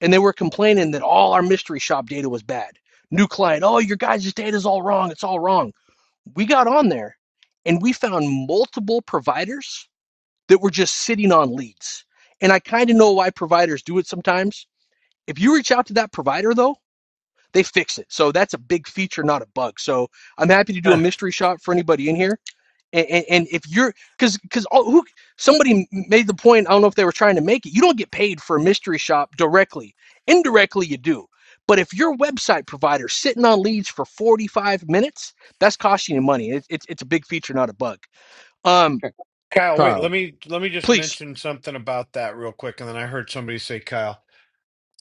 F: and they were complaining that all our mystery shop data was bad. New client, oh, your guys' data is all wrong. It's all wrong. We got on there, and we found multiple providers that were just sitting on leads. And I kind of know why providers do it sometimes. If you reach out to that provider though, they fix it. So that's a big feature, not a bug. So I'm happy to do a
A: Uh,
F: mystery shop for anybody in here and, and, and if you're because because who somebody made the point i don't know if they were trying to make it you don't get paid for a mystery shop directly indirectly you do but if your website provider sitting on leads for 45 minutes that's costing you money it, it's it's a big feature not a bug um
A: Kyle, wait, let me let me just
F: please
A: mention something about that real quick, and then I heard somebody say Kyle.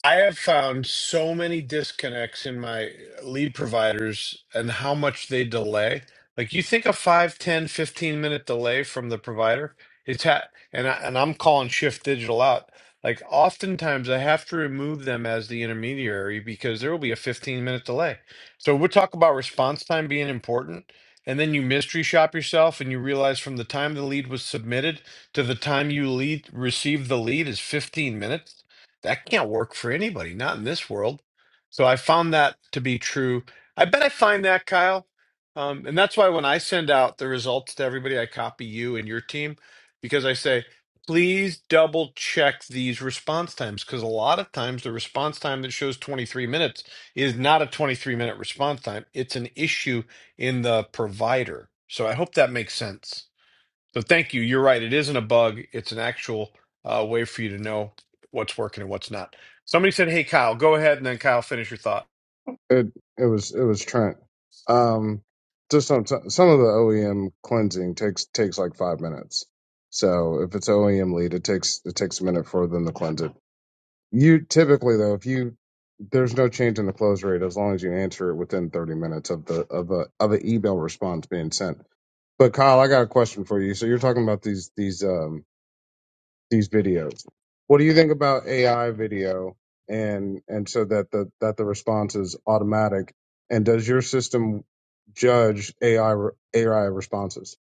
A: I have found so many disconnects in my lead providers and how much they delay. Like you think a five, ten, fifteen minute delay from the provider, it's ha- and I, and I'm calling Shift Digital out. Like oftentimes I have to remove them as the intermediary because there will be a 15 minute delay. So we'll talk about response time being important. And then you mystery shop yourself and you realize from the time the lead was submitted to the time you lead received the lead is 15 minutes that can't work for anybody, not in this world. So I found that to be true. I bet I find that, Kyle. Um, and that's why when I send out the results to everybody, I copy you and your team because I say, please double check these response times because a lot of times the response time that shows 23 minutes is not a 23 minute response time. It's an issue in the provider. So I hope that makes sense. So thank you. You're right. It isn't a bug. It's an actual uh, way for you to know what's working and what's not. Somebody said, "Hey, Kyle, go ahead," and then Kyle finish your thought.
J: It it was it was Trent. Um, just some some of the OEM cleansing takes takes like five minutes. So if it's OEM lead, it takes it takes a minute for them to cleanse it. You typically though, if you there's no change in the close rate as long as you answer it within 30 minutes of the of a of an email response being sent. But Kyle, I got a question for you. So you're talking about these these um these videos. What do you think about AI video and and so that the that the response is automatic? And does your system judge AI re- AI responses?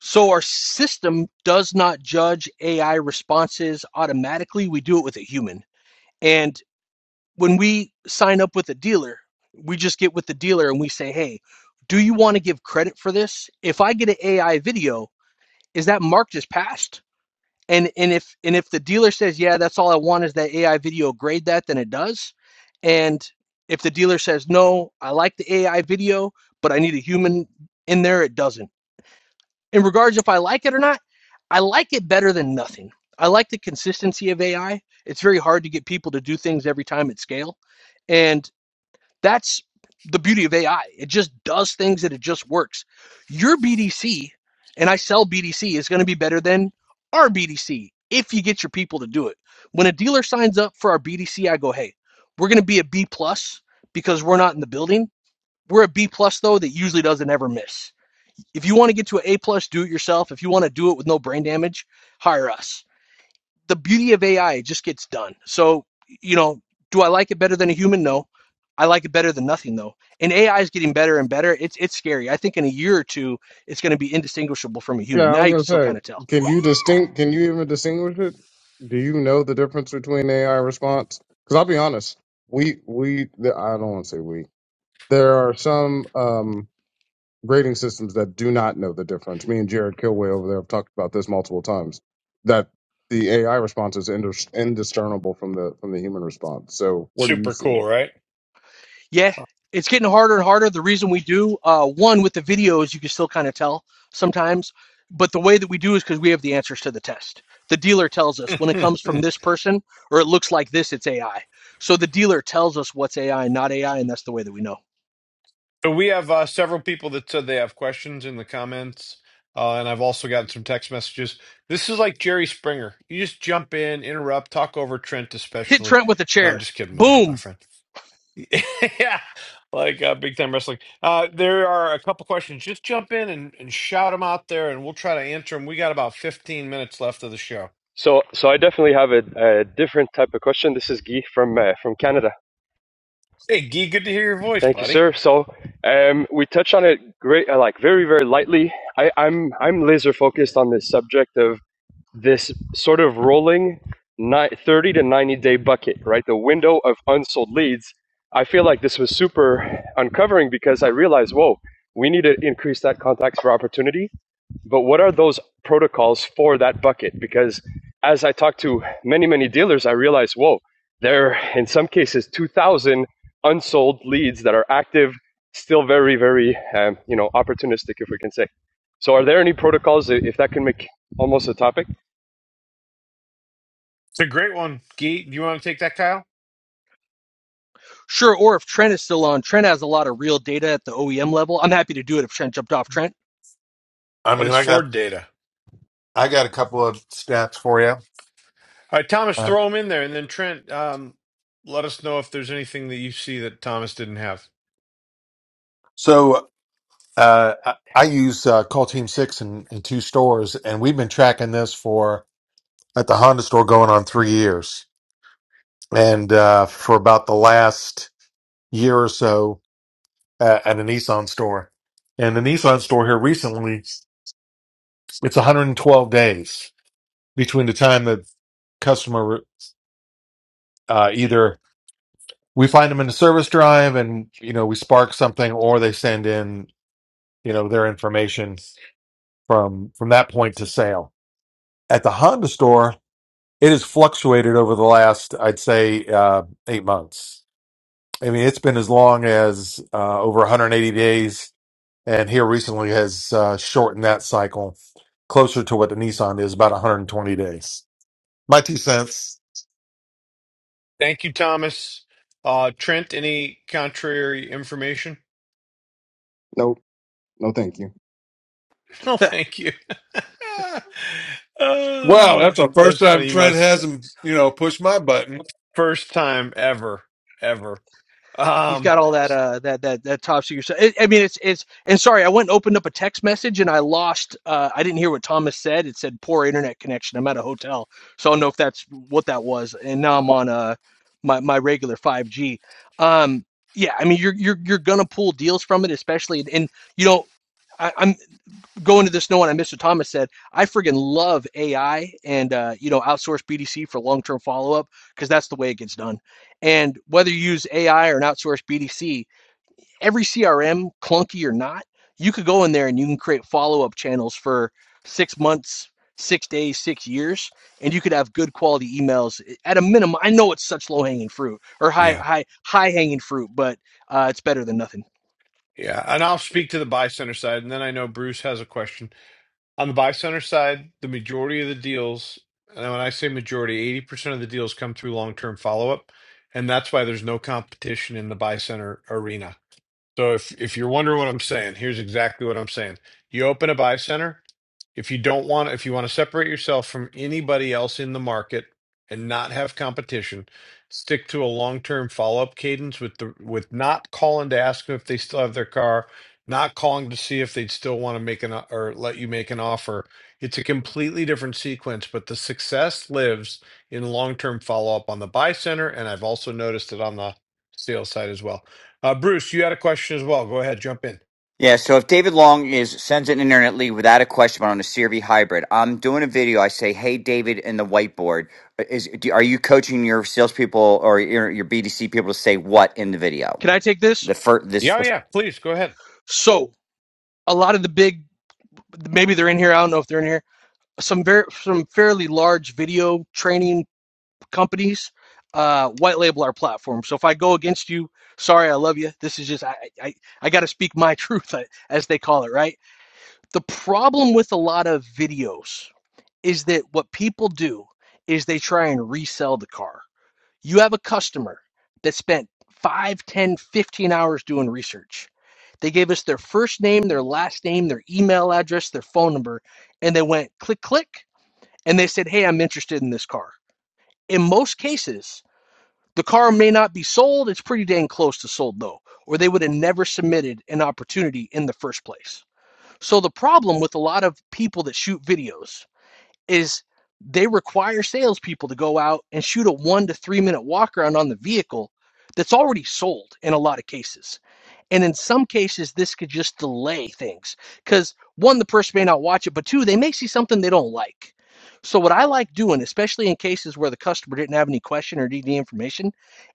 F: so our system does not judge ai responses automatically we do it with a human and when we sign up with a dealer, we just get with the dealer and we say, hey, do you want to give credit for this? If I get an AI video, is that marked as passed? And and if and if the dealer says, yeah, that's all I want is that AI video, grade that, then it does. And if the dealer says, no, I like the AI video, but I need a human in there, it doesn't. In regards if I like it or not, I like it better than nothing. I like the consistency of AI. It's very hard to get people to do things every time at scale. And that's the beauty of AI. It just does things and it just works. Your BDC, and I sell BDC, is going to be better than our BDC if you get your people to do it. When a dealer signs up for our BDC, I go, hey, we're going to be a B plus because we're not in the building. We're a B plus though that usually doesn't ever miss. If you want to get to an A plus, do it yourself. If you want to do it with no brain damage, hire us the beauty of AI it just gets done. So, you know, do I like it better than a human? No. I like it better than nothing though. And AI is getting better and better. It's it's scary. I think in a year or two it's going to be indistinguishable from a
J: Yeah,
F: human.
J: I
F: Now
J: was
F: you can still
J: gonna
F: kind
J: say,
F: of tell.
J: can you distinct? Can you even distinguish it? Do you know the difference between AI response? Because I'll be honest, we we the, I don't want to say we. There are some. Um, grading systems that do not know the difference. Me and Jared Kilway over there have talked about this multiple times. That the AI response is indis- indiscernible from the from the human response. So what are you
A: Super cool,
J: seeing?
A: right?
F: Yeah, it's getting harder and harder. The reason we do uh one with the videos you can still kind of tell sometimes, but the way that we do is cuz we have the answers to the test. The dealer tells us when it
A: Hmm,
F: comes
A: hmm.
F: from this person or it looks like this it's AI. So the dealer tells us what's AI and not AI and that's the way that we know.
A: so we have uh, several people that said they have questions in the comments, uh, and I've also gotten some text messages. This is like Jerry Springer. You just jump in, interrupt, talk over Trent,
F: Hit
A: especially.
F: Trent with a
A: No, I'm
F: chair.
A: just kidding, my, my
F: Boom.
A: friend. yeah, like uh, big time wrestling. Uh, there are a couple questions. Just jump in and, and shout them out there, and we'll try to answer them. We got about 15 minutes left of the show.
K: So, so I definitely have a, a different type of question. This is Guy from uh, from Canada.
A: Hey, Gee, good to hear your voice,
K: Thank you,
A: buddy.
K: sir. So, um, we touched on it great, uh, like very, very lightly. I, I'm I'm laser focused on this subject of this sort of rolling ni- thirty to ninety day bucket, right? The window of unsold leads. I feel like this was super uncovering because I realized, whoa, we need to increase that contacts for opportunity but what are those protocols for that bucket? Because as I talked to many, many dealers, I realized, whoa, there are in some cases 2,000 unsold leads that are active, still very, very, um, you know, opportunistic, if we can say. So, are there any protocols, if that can make almost a topic?
A: It's a great one, Gee. Do you want to take that, Kyle?
F: Sure. Or if Trent is still on, Trent has a lot of real data at the OEM level. I'm happy to do it if Trent jumped off Trent.
D: I
A: But
D: mean,
A: it's
D: I got,
A: Ford data.
D: I got a couple of stats for you.
A: All right, Thomas,
D: Uh,
A: throw them in there, and then Trent, um, let us know if there's anything that you see that Thomas didn't have.
D: So, uh, I, I use, uh, Call Team Six in, in two stores and we've been tracking this for, at the Honda store going on three years. And uh, for about the last year or so at, at a Nissan store. And the Nissan store here recently, it's 112 days between the time the customer uh, either we find them in the service drive and you know we spark something or they send in you know their information from from that point to sale at the honda store it has fluctuated over the last i'd say uh, eight months I mean, it's been as long as uh, over 180 days, and here recently has uh, shortened that cycle closer to what the Nissan is, about 120 days. My two cents.
A: Thank you, Thomas. Uh, Trent, any contrary information?
J: Nope, no, thank you.
A: No, thank you.
D: Wow,
A: Ah,
D: that's the first
A: that's
D: time
A: funny. You
D: Trent
A: must
D: hasn't, you know, pushed my button.
A: first time ever, ever.
F: He's
A: Um,
F: got all that uh that that that top secret stuff. I mean, it's it's and sorry, I went and opened up a text message and I lost. Uh, I didn't hear what Thomas said. It said poor internet connection. I'm at a hotel, so I don't know if that's what that was. And now I'm on uh my my regular 5G. Um, yeah, I mean, you're you're you're gonna pull deals from it, especially and you know, I, I'm go into this knowing And Mr. Thomas said, I friggin' love AI and uh, you know outsource BDC for long term follow up because that's the way it gets done. And whether you use AI or an outsourced BDC, every CRM, clunky or not, you could go in there and you can create follow up channels for six months, six days, six years, and you could have good quality emails at a minimum. I know it's such low hanging fruit or high
A: yeah,
F: high high hanging fruit, but uh, it's better than nothing.
A: yeah. And I'll speak to the buy center side, and then I know Bruce has a question on the buy center side. The majority of the deals, and when I say majority, eighty percent of the deals come through long term follow up, and that's why there's no competition in the buy center arena. So if if you're wondering what I'm saying, here's exactly what I'm saying. You open a buy center. if you don't want if you want to separate yourself from anybody else in the market and not have competition stick to a long-term follow-up cadence with the with not calling to ask them if they still have their car not calling to see if they'd still want to make an o- or let you make an offer it's a completely different sequence but the success lives in long-term follow-up on the buy center and i've also noticed it on the sales side as well uh, bruce you had a question as well go ahead jump in
H: yeah. So if David Long is sends an internet lead without a question but on a CRV hybrid, I'm doing a video. I say, "Hey, David," in the whiteboard. Uh, Is do, are you coaching your salespeople or your, your BDC people to say what in the video?
F: Can I take this?
H: The first this.
A: yeah yeah please go ahead
F: So a lot of the big maybe they're in here. I don't know if they're in here. Some very some fairly large video training companies uh, white label our platform. So if I go against you, sorry, I love you. This is just I I, I got to speak my truth uh, as they call it, right? The problem with a lot of videos is that what people do is they try and resell the car you have a customer that spent 5, 10, 15 hours doing research. They gave us their first name, their last name, their email address, their phone number, and they went click, click, and they said, Hey, I'm interested in this car. In most cases, the car may not be sold. It's pretty dang close to sold, though, or they would have never submitted an opportunity in the first place. So, the problem with a lot of people that shoot videos is they require salespeople to go out and shoot a one to three minute walk around on the vehicle that's already sold in a lot of cases. And in some cases, this could just delay things because one, the person may not watch it, but two, they may see something they don't like. So, what I like doing, especially in cases where the customer didn't have any question or need any information,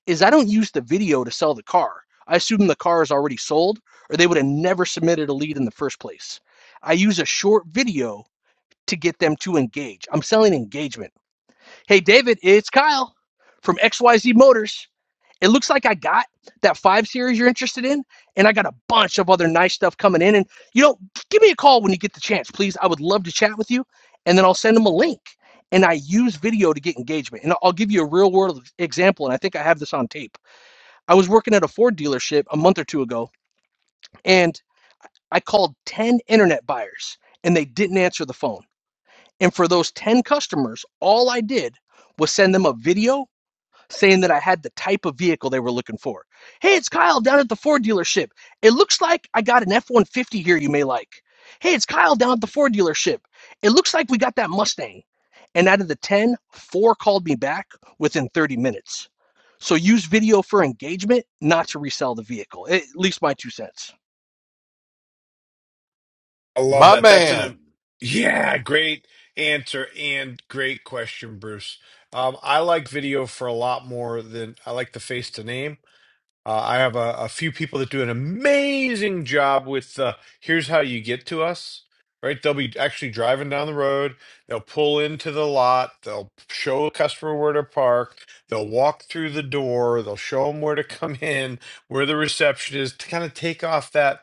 F: is I don't use the video to sell the car. I assume the car is already sold or they would have never submitted a lead in the first place. I use a short video to get them to engage. I'm selling engagement. Hey, David, it's Kyle from XYZ Motors. It looks like I got that five series you're interested in, and I got a bunch of other nice stuff coming in. And, you know, give me a call when you get the chance, please. I would love to chat with you, and then I'll send them a link. And I use video to get engagement. And I'll give you a real world example. And I think I have this on tape. I was working at a Ford dealership a month or two ago, and I called 10 internet buyers, and they didn't answer the phone. And for those 10 customers, all I did was send them a video saying that I had the type of vehicle they were looking for. Hey, it's Kyle down at the Ford dealership. It looks like I got an F 150 here you may like. Hey, it's Kyle down at the Ford dealership. It looks like we got that Mustang. And out of the ten, four called me back within 30 minutes. So use video for engagement, not to resell the vehicle. At least my two cents.
A: I love
D: My
A: that. That's an
D: man.
A: um, yeah, great answer and great question, Bruce. Um, I like video for a lot more than I like the face to name. Uh, I have a, a few people that do an amazing job with uh, here's how you get to us, right? They'll be actually driving down the road. They'll pull into the lot. They'll show a customer where to park. They'll walk through the door. They'll show them where to come in, where the reception is to kind of take off that,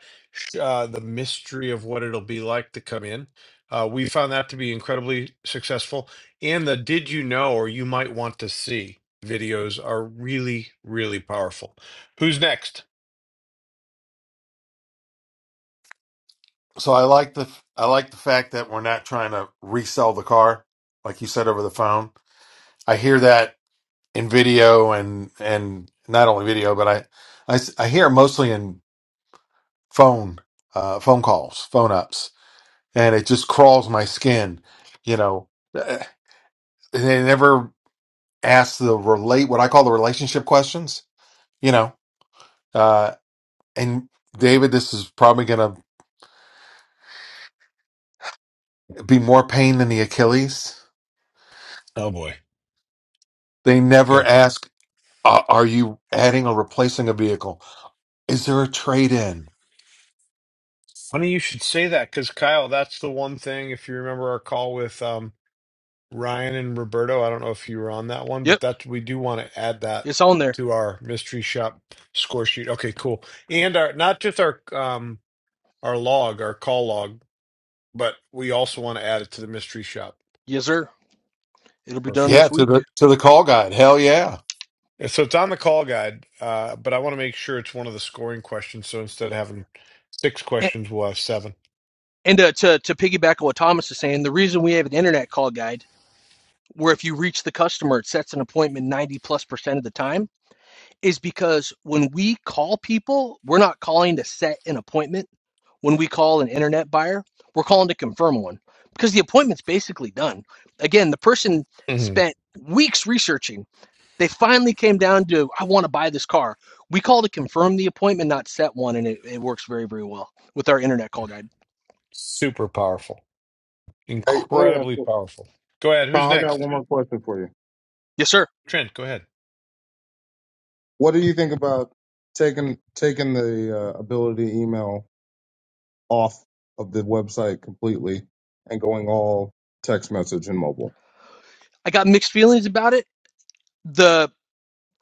A: uh, the mystery of what it'll be like to come in. Uh, we found that to be incredibly successful. And the did you know or you might want to see videos are really, really powerful. Who's next?
D: So I like the I like the fact that we're not trying to resell the car, like you said over the phone. I hear that in video and and not only video, but I I, s- I hear it mostly in phone uh, phone calls, phone ups. and it just crawls my skin, you know. Uh, They never ask the relate what I call the relationship questions, you know. Uh, and David, this is probably going to be more pain than the Achilles.
A: Oh boy,
D: They never
A: go.
D: ask, uh, "Are you adding or replacing a vehicle? Is there a trade-in?"
A: Funny you should say that because Kyle, that's the one thing. If you remember our call with um, Ryan and Roberto, I don't know if you were on that one,
F: Yep,
A: but that we do want to add that
F: it's on there.
A: to our mystery shop score sheet. Okay, cool. And our not just our um, our log, our call log, but we also want to add it to the mystery shop.
F: Yes, sir. It'll be done
D: Yeah,
A: Perfect.
F: this
D: to the
F: week.
D: to the call guide. Hell yeah!
A: And so it's on the call guide, uh, but I want to make sure it's one of the scoring questions. So instead of having six questions, we'll have 7
F: And to, to, to piggyback on what Thomas is saying, the reason we have an internet call guide where if you reach the customer, it sets an appointment 90 plus percent of the time is because when we call people, we're not calling to set an appointment. When we call an internet buyer, we're calling to confirm one because the appointment's basically done. Again, the person
A: Mhm.
F: spent weeks researching. They finally came down to, I want to buy this car. We call to confirm the appointment, not set one. And it, it works very, very well with our internet call guide.
A: Super powerful.
J: Hey, let me ask
A: Incredibly
J: you,
A: powerful. Go ahead. Who's
J: Kyle. I got
A: next?
J: one more question for you.
F: Yes, sir.
A: Trent, go ahead.
J: What do you think about taking taking the uh, ability to email off of the website completely and going all text message and mobile?
F: I got mixed feelings about it. The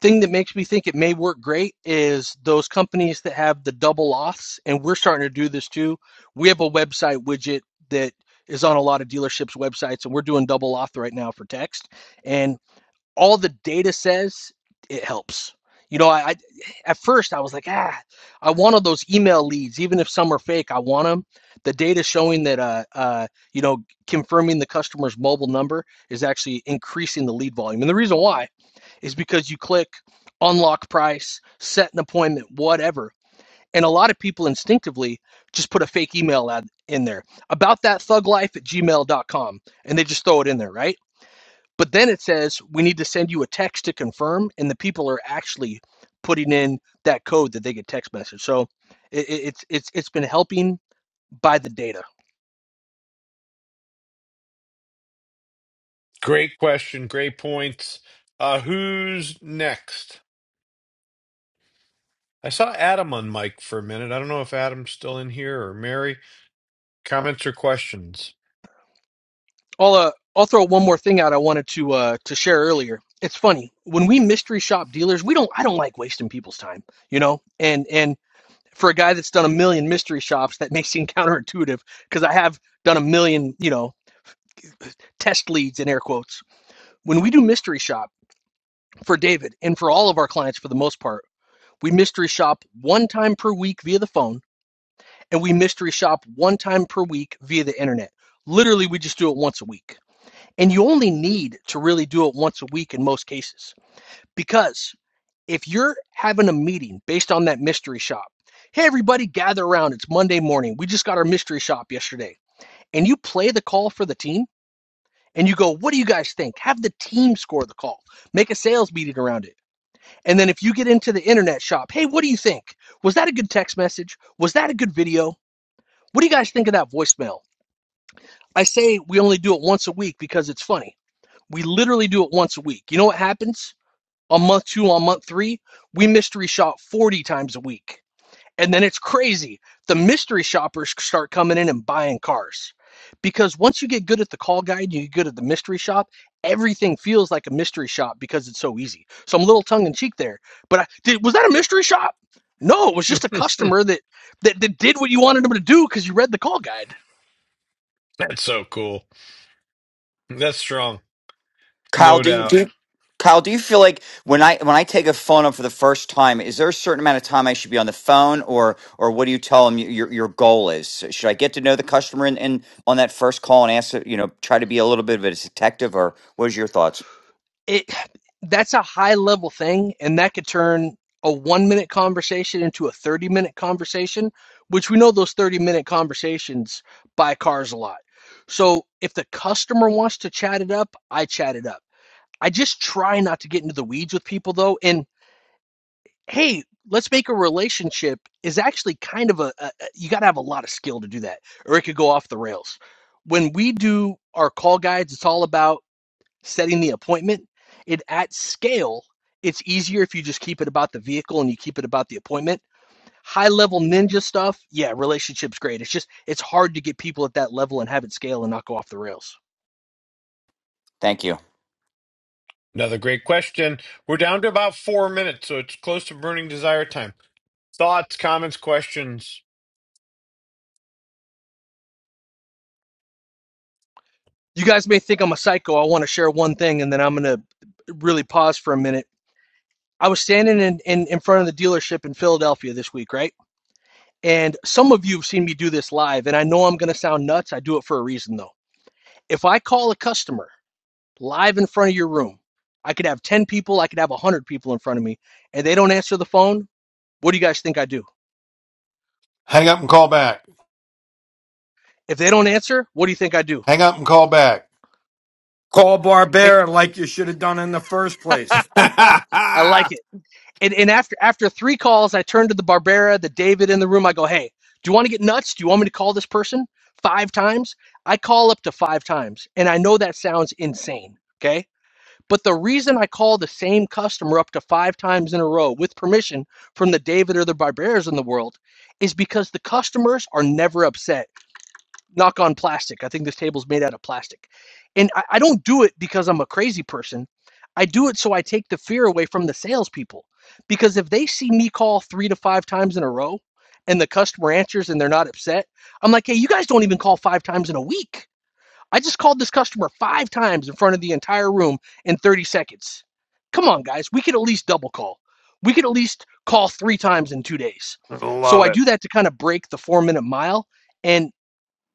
F: thing that makes me think it may work great is those companies that have the double auths, and we're starting to do this too. We have a website widget that is on a lot of dealerships' websites, and we're doing double auth right now for text. And all the data says it helps. You know, I, I at first I was like, ah, I wanted those email leads, even if some are fake. I want them. The data showing that, uh, uh, you know, confirming the customer's mobile number is actually increasing the lead volume, and the reason why is because you click unlock price, set an appointment, whatever. And a lot of people instinctively just put a fake email ad in there about that thug life at gmail.com and they just throw it in there, right? But then it says we need to send you a text to confirm, and the people are actually putting in that code that they get text message. So it, it, it's it's it's been helping by the data.
A: Great question. Great points. Uh, who's next? I saw Adam on mic for a minute. I don't know if Adam's still in here or Mary. Comments or questions?
F: I'll uh, I'll throw one more thing out. I wanted to uh to share earlier. It's funny when we mystery shop dealers. We don't I don't like wasting people's time, you know. And and for a guy that's done a million mystery shops, that may seem counterintuitive because I have done a million, you know, test leads in air quotes. When we do mystery shop for David and for all of our clients for the most part, we mystery shop one time per week via the phone and we mystery shop one time per week via the internet. Literally, we just do it once a week. And you only need to really do it once a week in most cases because if you're having a meeting based on that mystery shop, hey, everybody, gather around. It's Monday morning. We just got our mystery shop yesterday and you play the call for the team and you go, what do you guys think? Have the team score the call. Make a sales meeting around it. And then if you get into the internet shop, hey, what do you think? Was that a good text message? Was that a good video? What do you guys think of that voicemail? I say we only do it once a week because it's funny. We literally do it once a week. You know what happens? On month two, on month three, we mystery shop 40 times a week And then it's crazy. The mystery shoppers start coming in and buying cars. Because once you get good at the call guide, you get good at the mystery shop, everything feels like a mystery shop because it's so easy. So I'm a little tongue in cheek there. But I, did, was that a mystery shop? No, it was just a
A: That's
F: customer that that, that did what you wanted them to do because you read the call guide.
A: so cool. That's strong.
H: Kyle,
A: No
H: do you, do
A: doubt.
H: you- Kyle, do you feel like when I when I take a phone up for the first time, is there a certain amount of time I should be on the phone, or or what do you tell them your your goal is? Should I get to know the customer in, in on that first call and ask, you know, try to be a little bit of a detective, or what is your thoughts?
F: it that's a high level thing and that could turn a one minute conversation into a 30 minute conversation which we know those 30 minute conversations buy cars a lot so if the customer wants to chat it up i chat it up i just try not to get into the weeds with people though and hey let's make a relationship is actually kind of a, a you got to have a lot of skill to do that or it could go off the rails when we do our call guides it's all about setting the appointment, it at scale, it's easier if you just keep it about the vehicle and you keep it about the appointment. High level ninja stuff, yeah, relationship's great. It's just it's hard to get people at that level and have it scale and not go off the rails.
H: Thank you.
A: Another great question. We're down to about four minutes, so it's close to burning desire time. Thoughts, comments, questions.
F: You guys may think I'm a psycho. I want to share one thing and then I'm gonna really pause for a minute. I was standing in, in, in front of the dealership in Philadelphia this week, right? And some of you have seen me do this live, and I know I'm gonna sound nuts. I do it for a reason though. If I call a customer live in front of your room. I could have 10 people, I could have 100 people in front of me, and they don't answer the phone. What do you guys think I do?
D: Hang up and call back.
F: If they don't answer, what do you think I do?
D: Hang up and call back.
L: Call
F: It,
L: Barbera like you should have done in the first
F: I
L: place.
F: like it. And, and after after three calls, I turned to the Barbera, the David in the room. I go, hey, do you want to get nuts? Do you want me to call this person five times? I call up to five times, and I know that sounds insane. Okay, But the reason I call the same customer up to five times in a row with permission from the David or the Barbarians in the world is because the customers are never upset. Knock on plastic. I think this table's made out of plastic. And I, I don't do it because I'm a crazy person. I do it so I take the fear away from the salespeople. Because if they see me call three to five times in a row and the customer answers and they're not upset, I'm like, hey, you guys don't even call five times in a week. I just called this customer five times in front of the entire room in 30 seconds. Come on, guys. We could at least double call. We could at least call three times in two days. So I do that to kind of break the four minute mile. And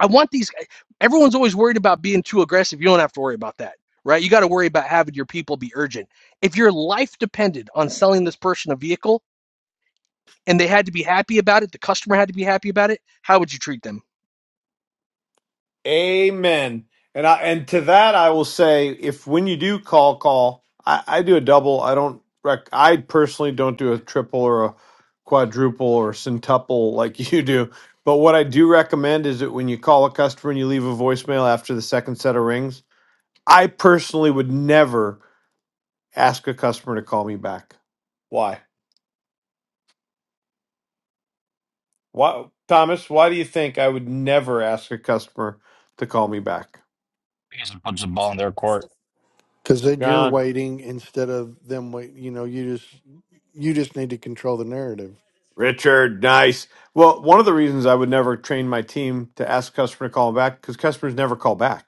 F: I want these, eh, everyone's always worried about being too aggressive. You don't have to worry about that, right? You got to worry about having your people be urgent. If your life depended on selling this person a vehicle, and they had to be happy about it, the customer had to be happy about it, how would you treat them?
A: Amen. And I and to that I will say, if when you do call call, I, I do a double. I don't rec. I personally don't do a triple or a quadruple or centuple like you do. But what I do recommend is that when you call a customer and you leave a voicemail after the second set of rings, I personally would never ask a customer to call me back. Why? Why, Thomas? Why do you think I would never ask a customer to call me back?
M: He just puts the ball in their court.
I: Because then you're waiting instead of them wait. You know, you just you just need to control the narrative.
A: Richard, nice. Well, one of the reasons I would never train my team to ask a customer to call back because customers never call back.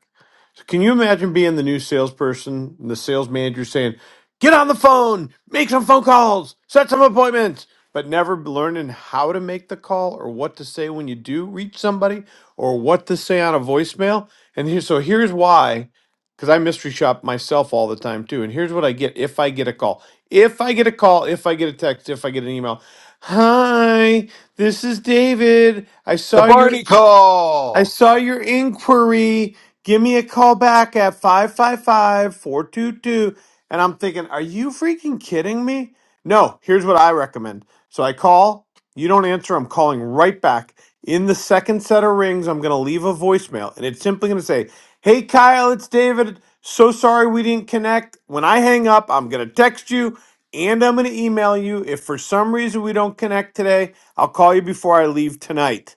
A: So can you imagine being the new salesperson and the sales manager saying, "Get on the phone, make some phone calls, set some appointments," but never learning how to make the call or what to say when you do reach somebody or what to say on a voicemail? And here, so here's why. Because I mystery shop myself all the time too. And here's what I get if I get a call. If I get a call, if I get a text, if I get an email, Hi, this is David. I
D: The
A: saw your.
D: Barney
A: I
D: call.
A: saw your inquiry. Give me a call back at 555 422. And I'm thinking, are you freaking kidding me? No, here's what I recommend. So I call, you don't answer, I'm calling right back. In the second set of rings, I'm going to leave a voicemail and it's simply going to say, Hey Kyle, it's David. So sorry we didn't connect. When I hang up, I'm going to text you and I'm going to email you. If for some reason we don't connect today, I'll call you before I leave tonight.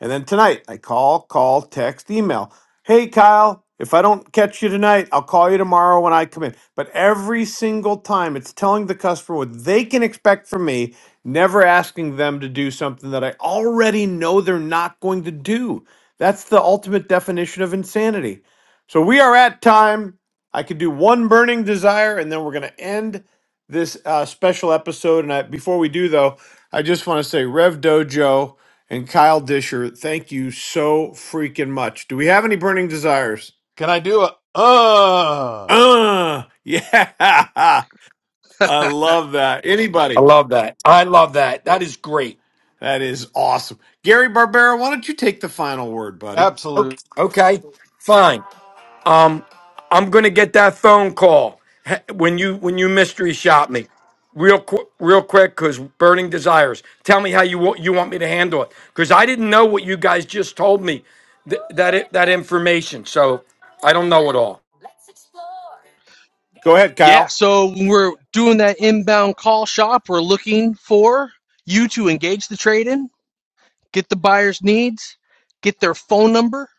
A: And then tonight, I call, call, text, email. Hey, Kyle, if I don't catch you tonight, I'll call you tomorrow when I come in. But every single time, it's telling the customer what they can expect from me, never asking them to do something that I already know they're not going to do. That's the ultimate definition of insanity. So we are at time. I could do one burning desire, and then we're going to end this uh, special episode. And I, before we do, though, I just want to say, Rev Dojo and Kyle Disher, thank you so freaking much. Do we have any burning desires?
D: Can I do it? Uh,
A: Uh, yeah. I love that.
L: I
A: Anybody?
L: love that. I love that. That is great.
A: That is awesome. Gary Barbera, why don't you take the final word, buddy?
L: Okay,
D: absolute.
L: okay. fine. Um, I'm gonna get that phone call he- when you when you mystery shop me, real quick, real quick, because burning desires. Tell me how you want you want me to handle it, because I didn't know what you guys just told me th- that it, that information. So I don't know it all.
A: Go ahead,
F: Yeah,
A: Kyle.
F: so when we're doing that inbound call shop, we're looking for you to engage the trade in, get the buyer's needs, get their phone number,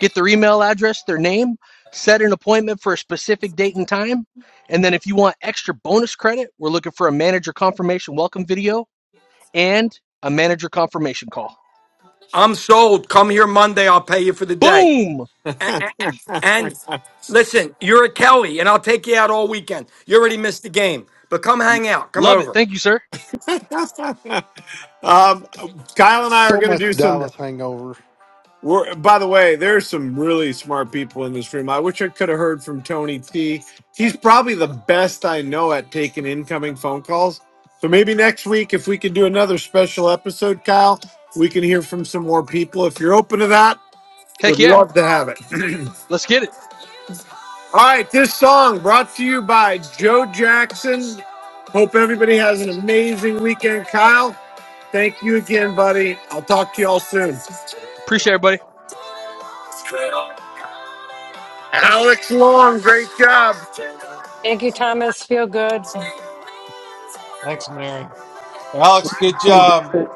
F: get their email address, their name, set an appointment for a specific date and time. And then if you want extra bonus credit, we're looking for a manager confirmation welcome video and a manager confirmation call.
L: I'm sold. Come here Monday. I'll pay you for the day.
F: Boom!
L: And, and listen, you're a Kelly, and I'll take you out all weekend. You already missed the game, but come hang out. Come
F: Love it.
L: over.
F: Thank you, sir.
A: um, Kyle and I are
I: So
A: going to
I: much
A: do some.
I: Dallas hangover.
A: We're, by the way, there's some really smart people in this room. I wish I could have heard from Tony T. He's probably the best I know at taking incoming phone calls. So maybe next week, if we can do another special episode, Kyle, we can hear from some more people. If you're open to that,
F: Heck
A: would
F: yeah.
A: love to have it.
F: Let's get it.
A: All right, this song brought to you by Joe Jackson. Hope everybody has an amazing weekend, Kyle. Thank you again, buddy. I'll talk to you all soon.
F: Appreciate everybody.
A: Alex Long, great job.
N: Thank you, Thomas. Feel good.
D: Thanks, Mary. Alex, good job.
C: David.